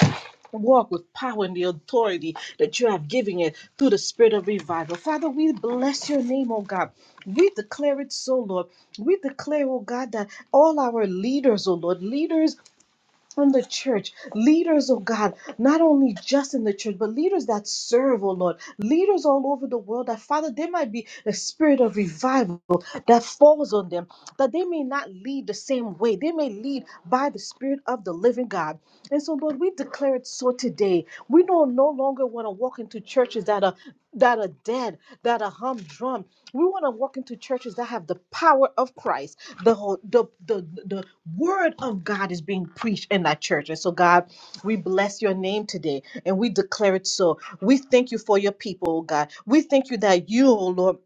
Speaker 1: walk with power and the authority that you have given it through the spirit of revival. Father, we bless your name, oh God. We declare it so, Lord. We declare, oh God, that all our leaders, oh Lord, leaders from the church, leaders, oh God, not only just in the church, but leaders that serve, oh Lord, leaders all over the world, that Father, there might be a spirit of revival that falls on them, that they may not lead the same way. They may lead by the spirit of the living God. And so, Lord, we declare it so today. We don't no longer want to walk into churches that are that are dead, that are humdrum, we want to walk into churches that have the power of Christ. The, whole, the the the word of God is being preached in that church. And so, God, we bless your name today and we declare it so. We thank you for your people, oh God. We thank you that you, oh Lord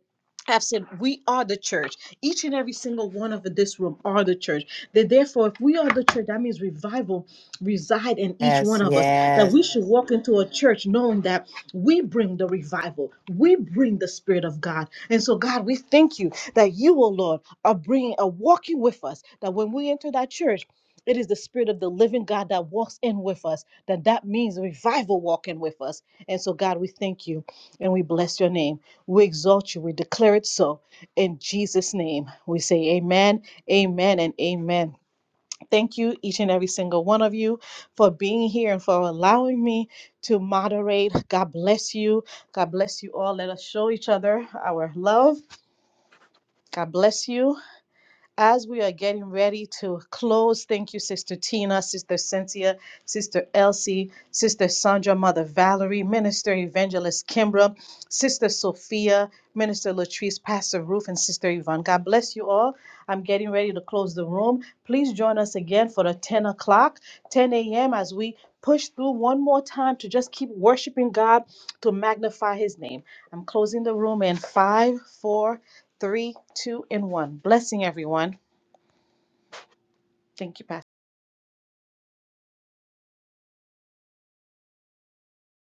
Speaker 1: have said we are the church. Each and every single one of this room are the church. That therefore, if we are the church, that means revival reside in each
Speaker 5: Yes,
Speaker 1: one of us. That
Speaker 5: yes.
Speaker 1: we should walk into a church knowing that we bring the revival, we bring the spirit of God. And so, God, we thank you that you, O Lord, are bringing, are walking with us. That when we enter that church. It is the spirit of the living God that walks in with us. That that means revival walking with us. And so, God, we thank you and we bless your name. We exalt you. We declare it so. In Jesus' name, we say amen, amen, and amen. Thank you, each and every single one of you, for being here and for allowing me to moderate. God bless you. God bless you all. Let us show each other our love. God bless you as we are getting ready to close, thank you, Sister Tina, Sister Cynthia, Sister Elsie, Sister Sandra, Mother Valerie, Minister Evangelist Kimbra, Sister Sophia, Minister Latrice, Pastor Ruth, and Sister Yvonne. God bless you all. I'm getting ready to close the room. Please join us again for the 10 o'clock, 10 a.m., as we push through one more time to just keep worshiping God to magnify his name. I'm closing the room in five, four, three, two, and one. Blessing everyone. Thank you, Pastor.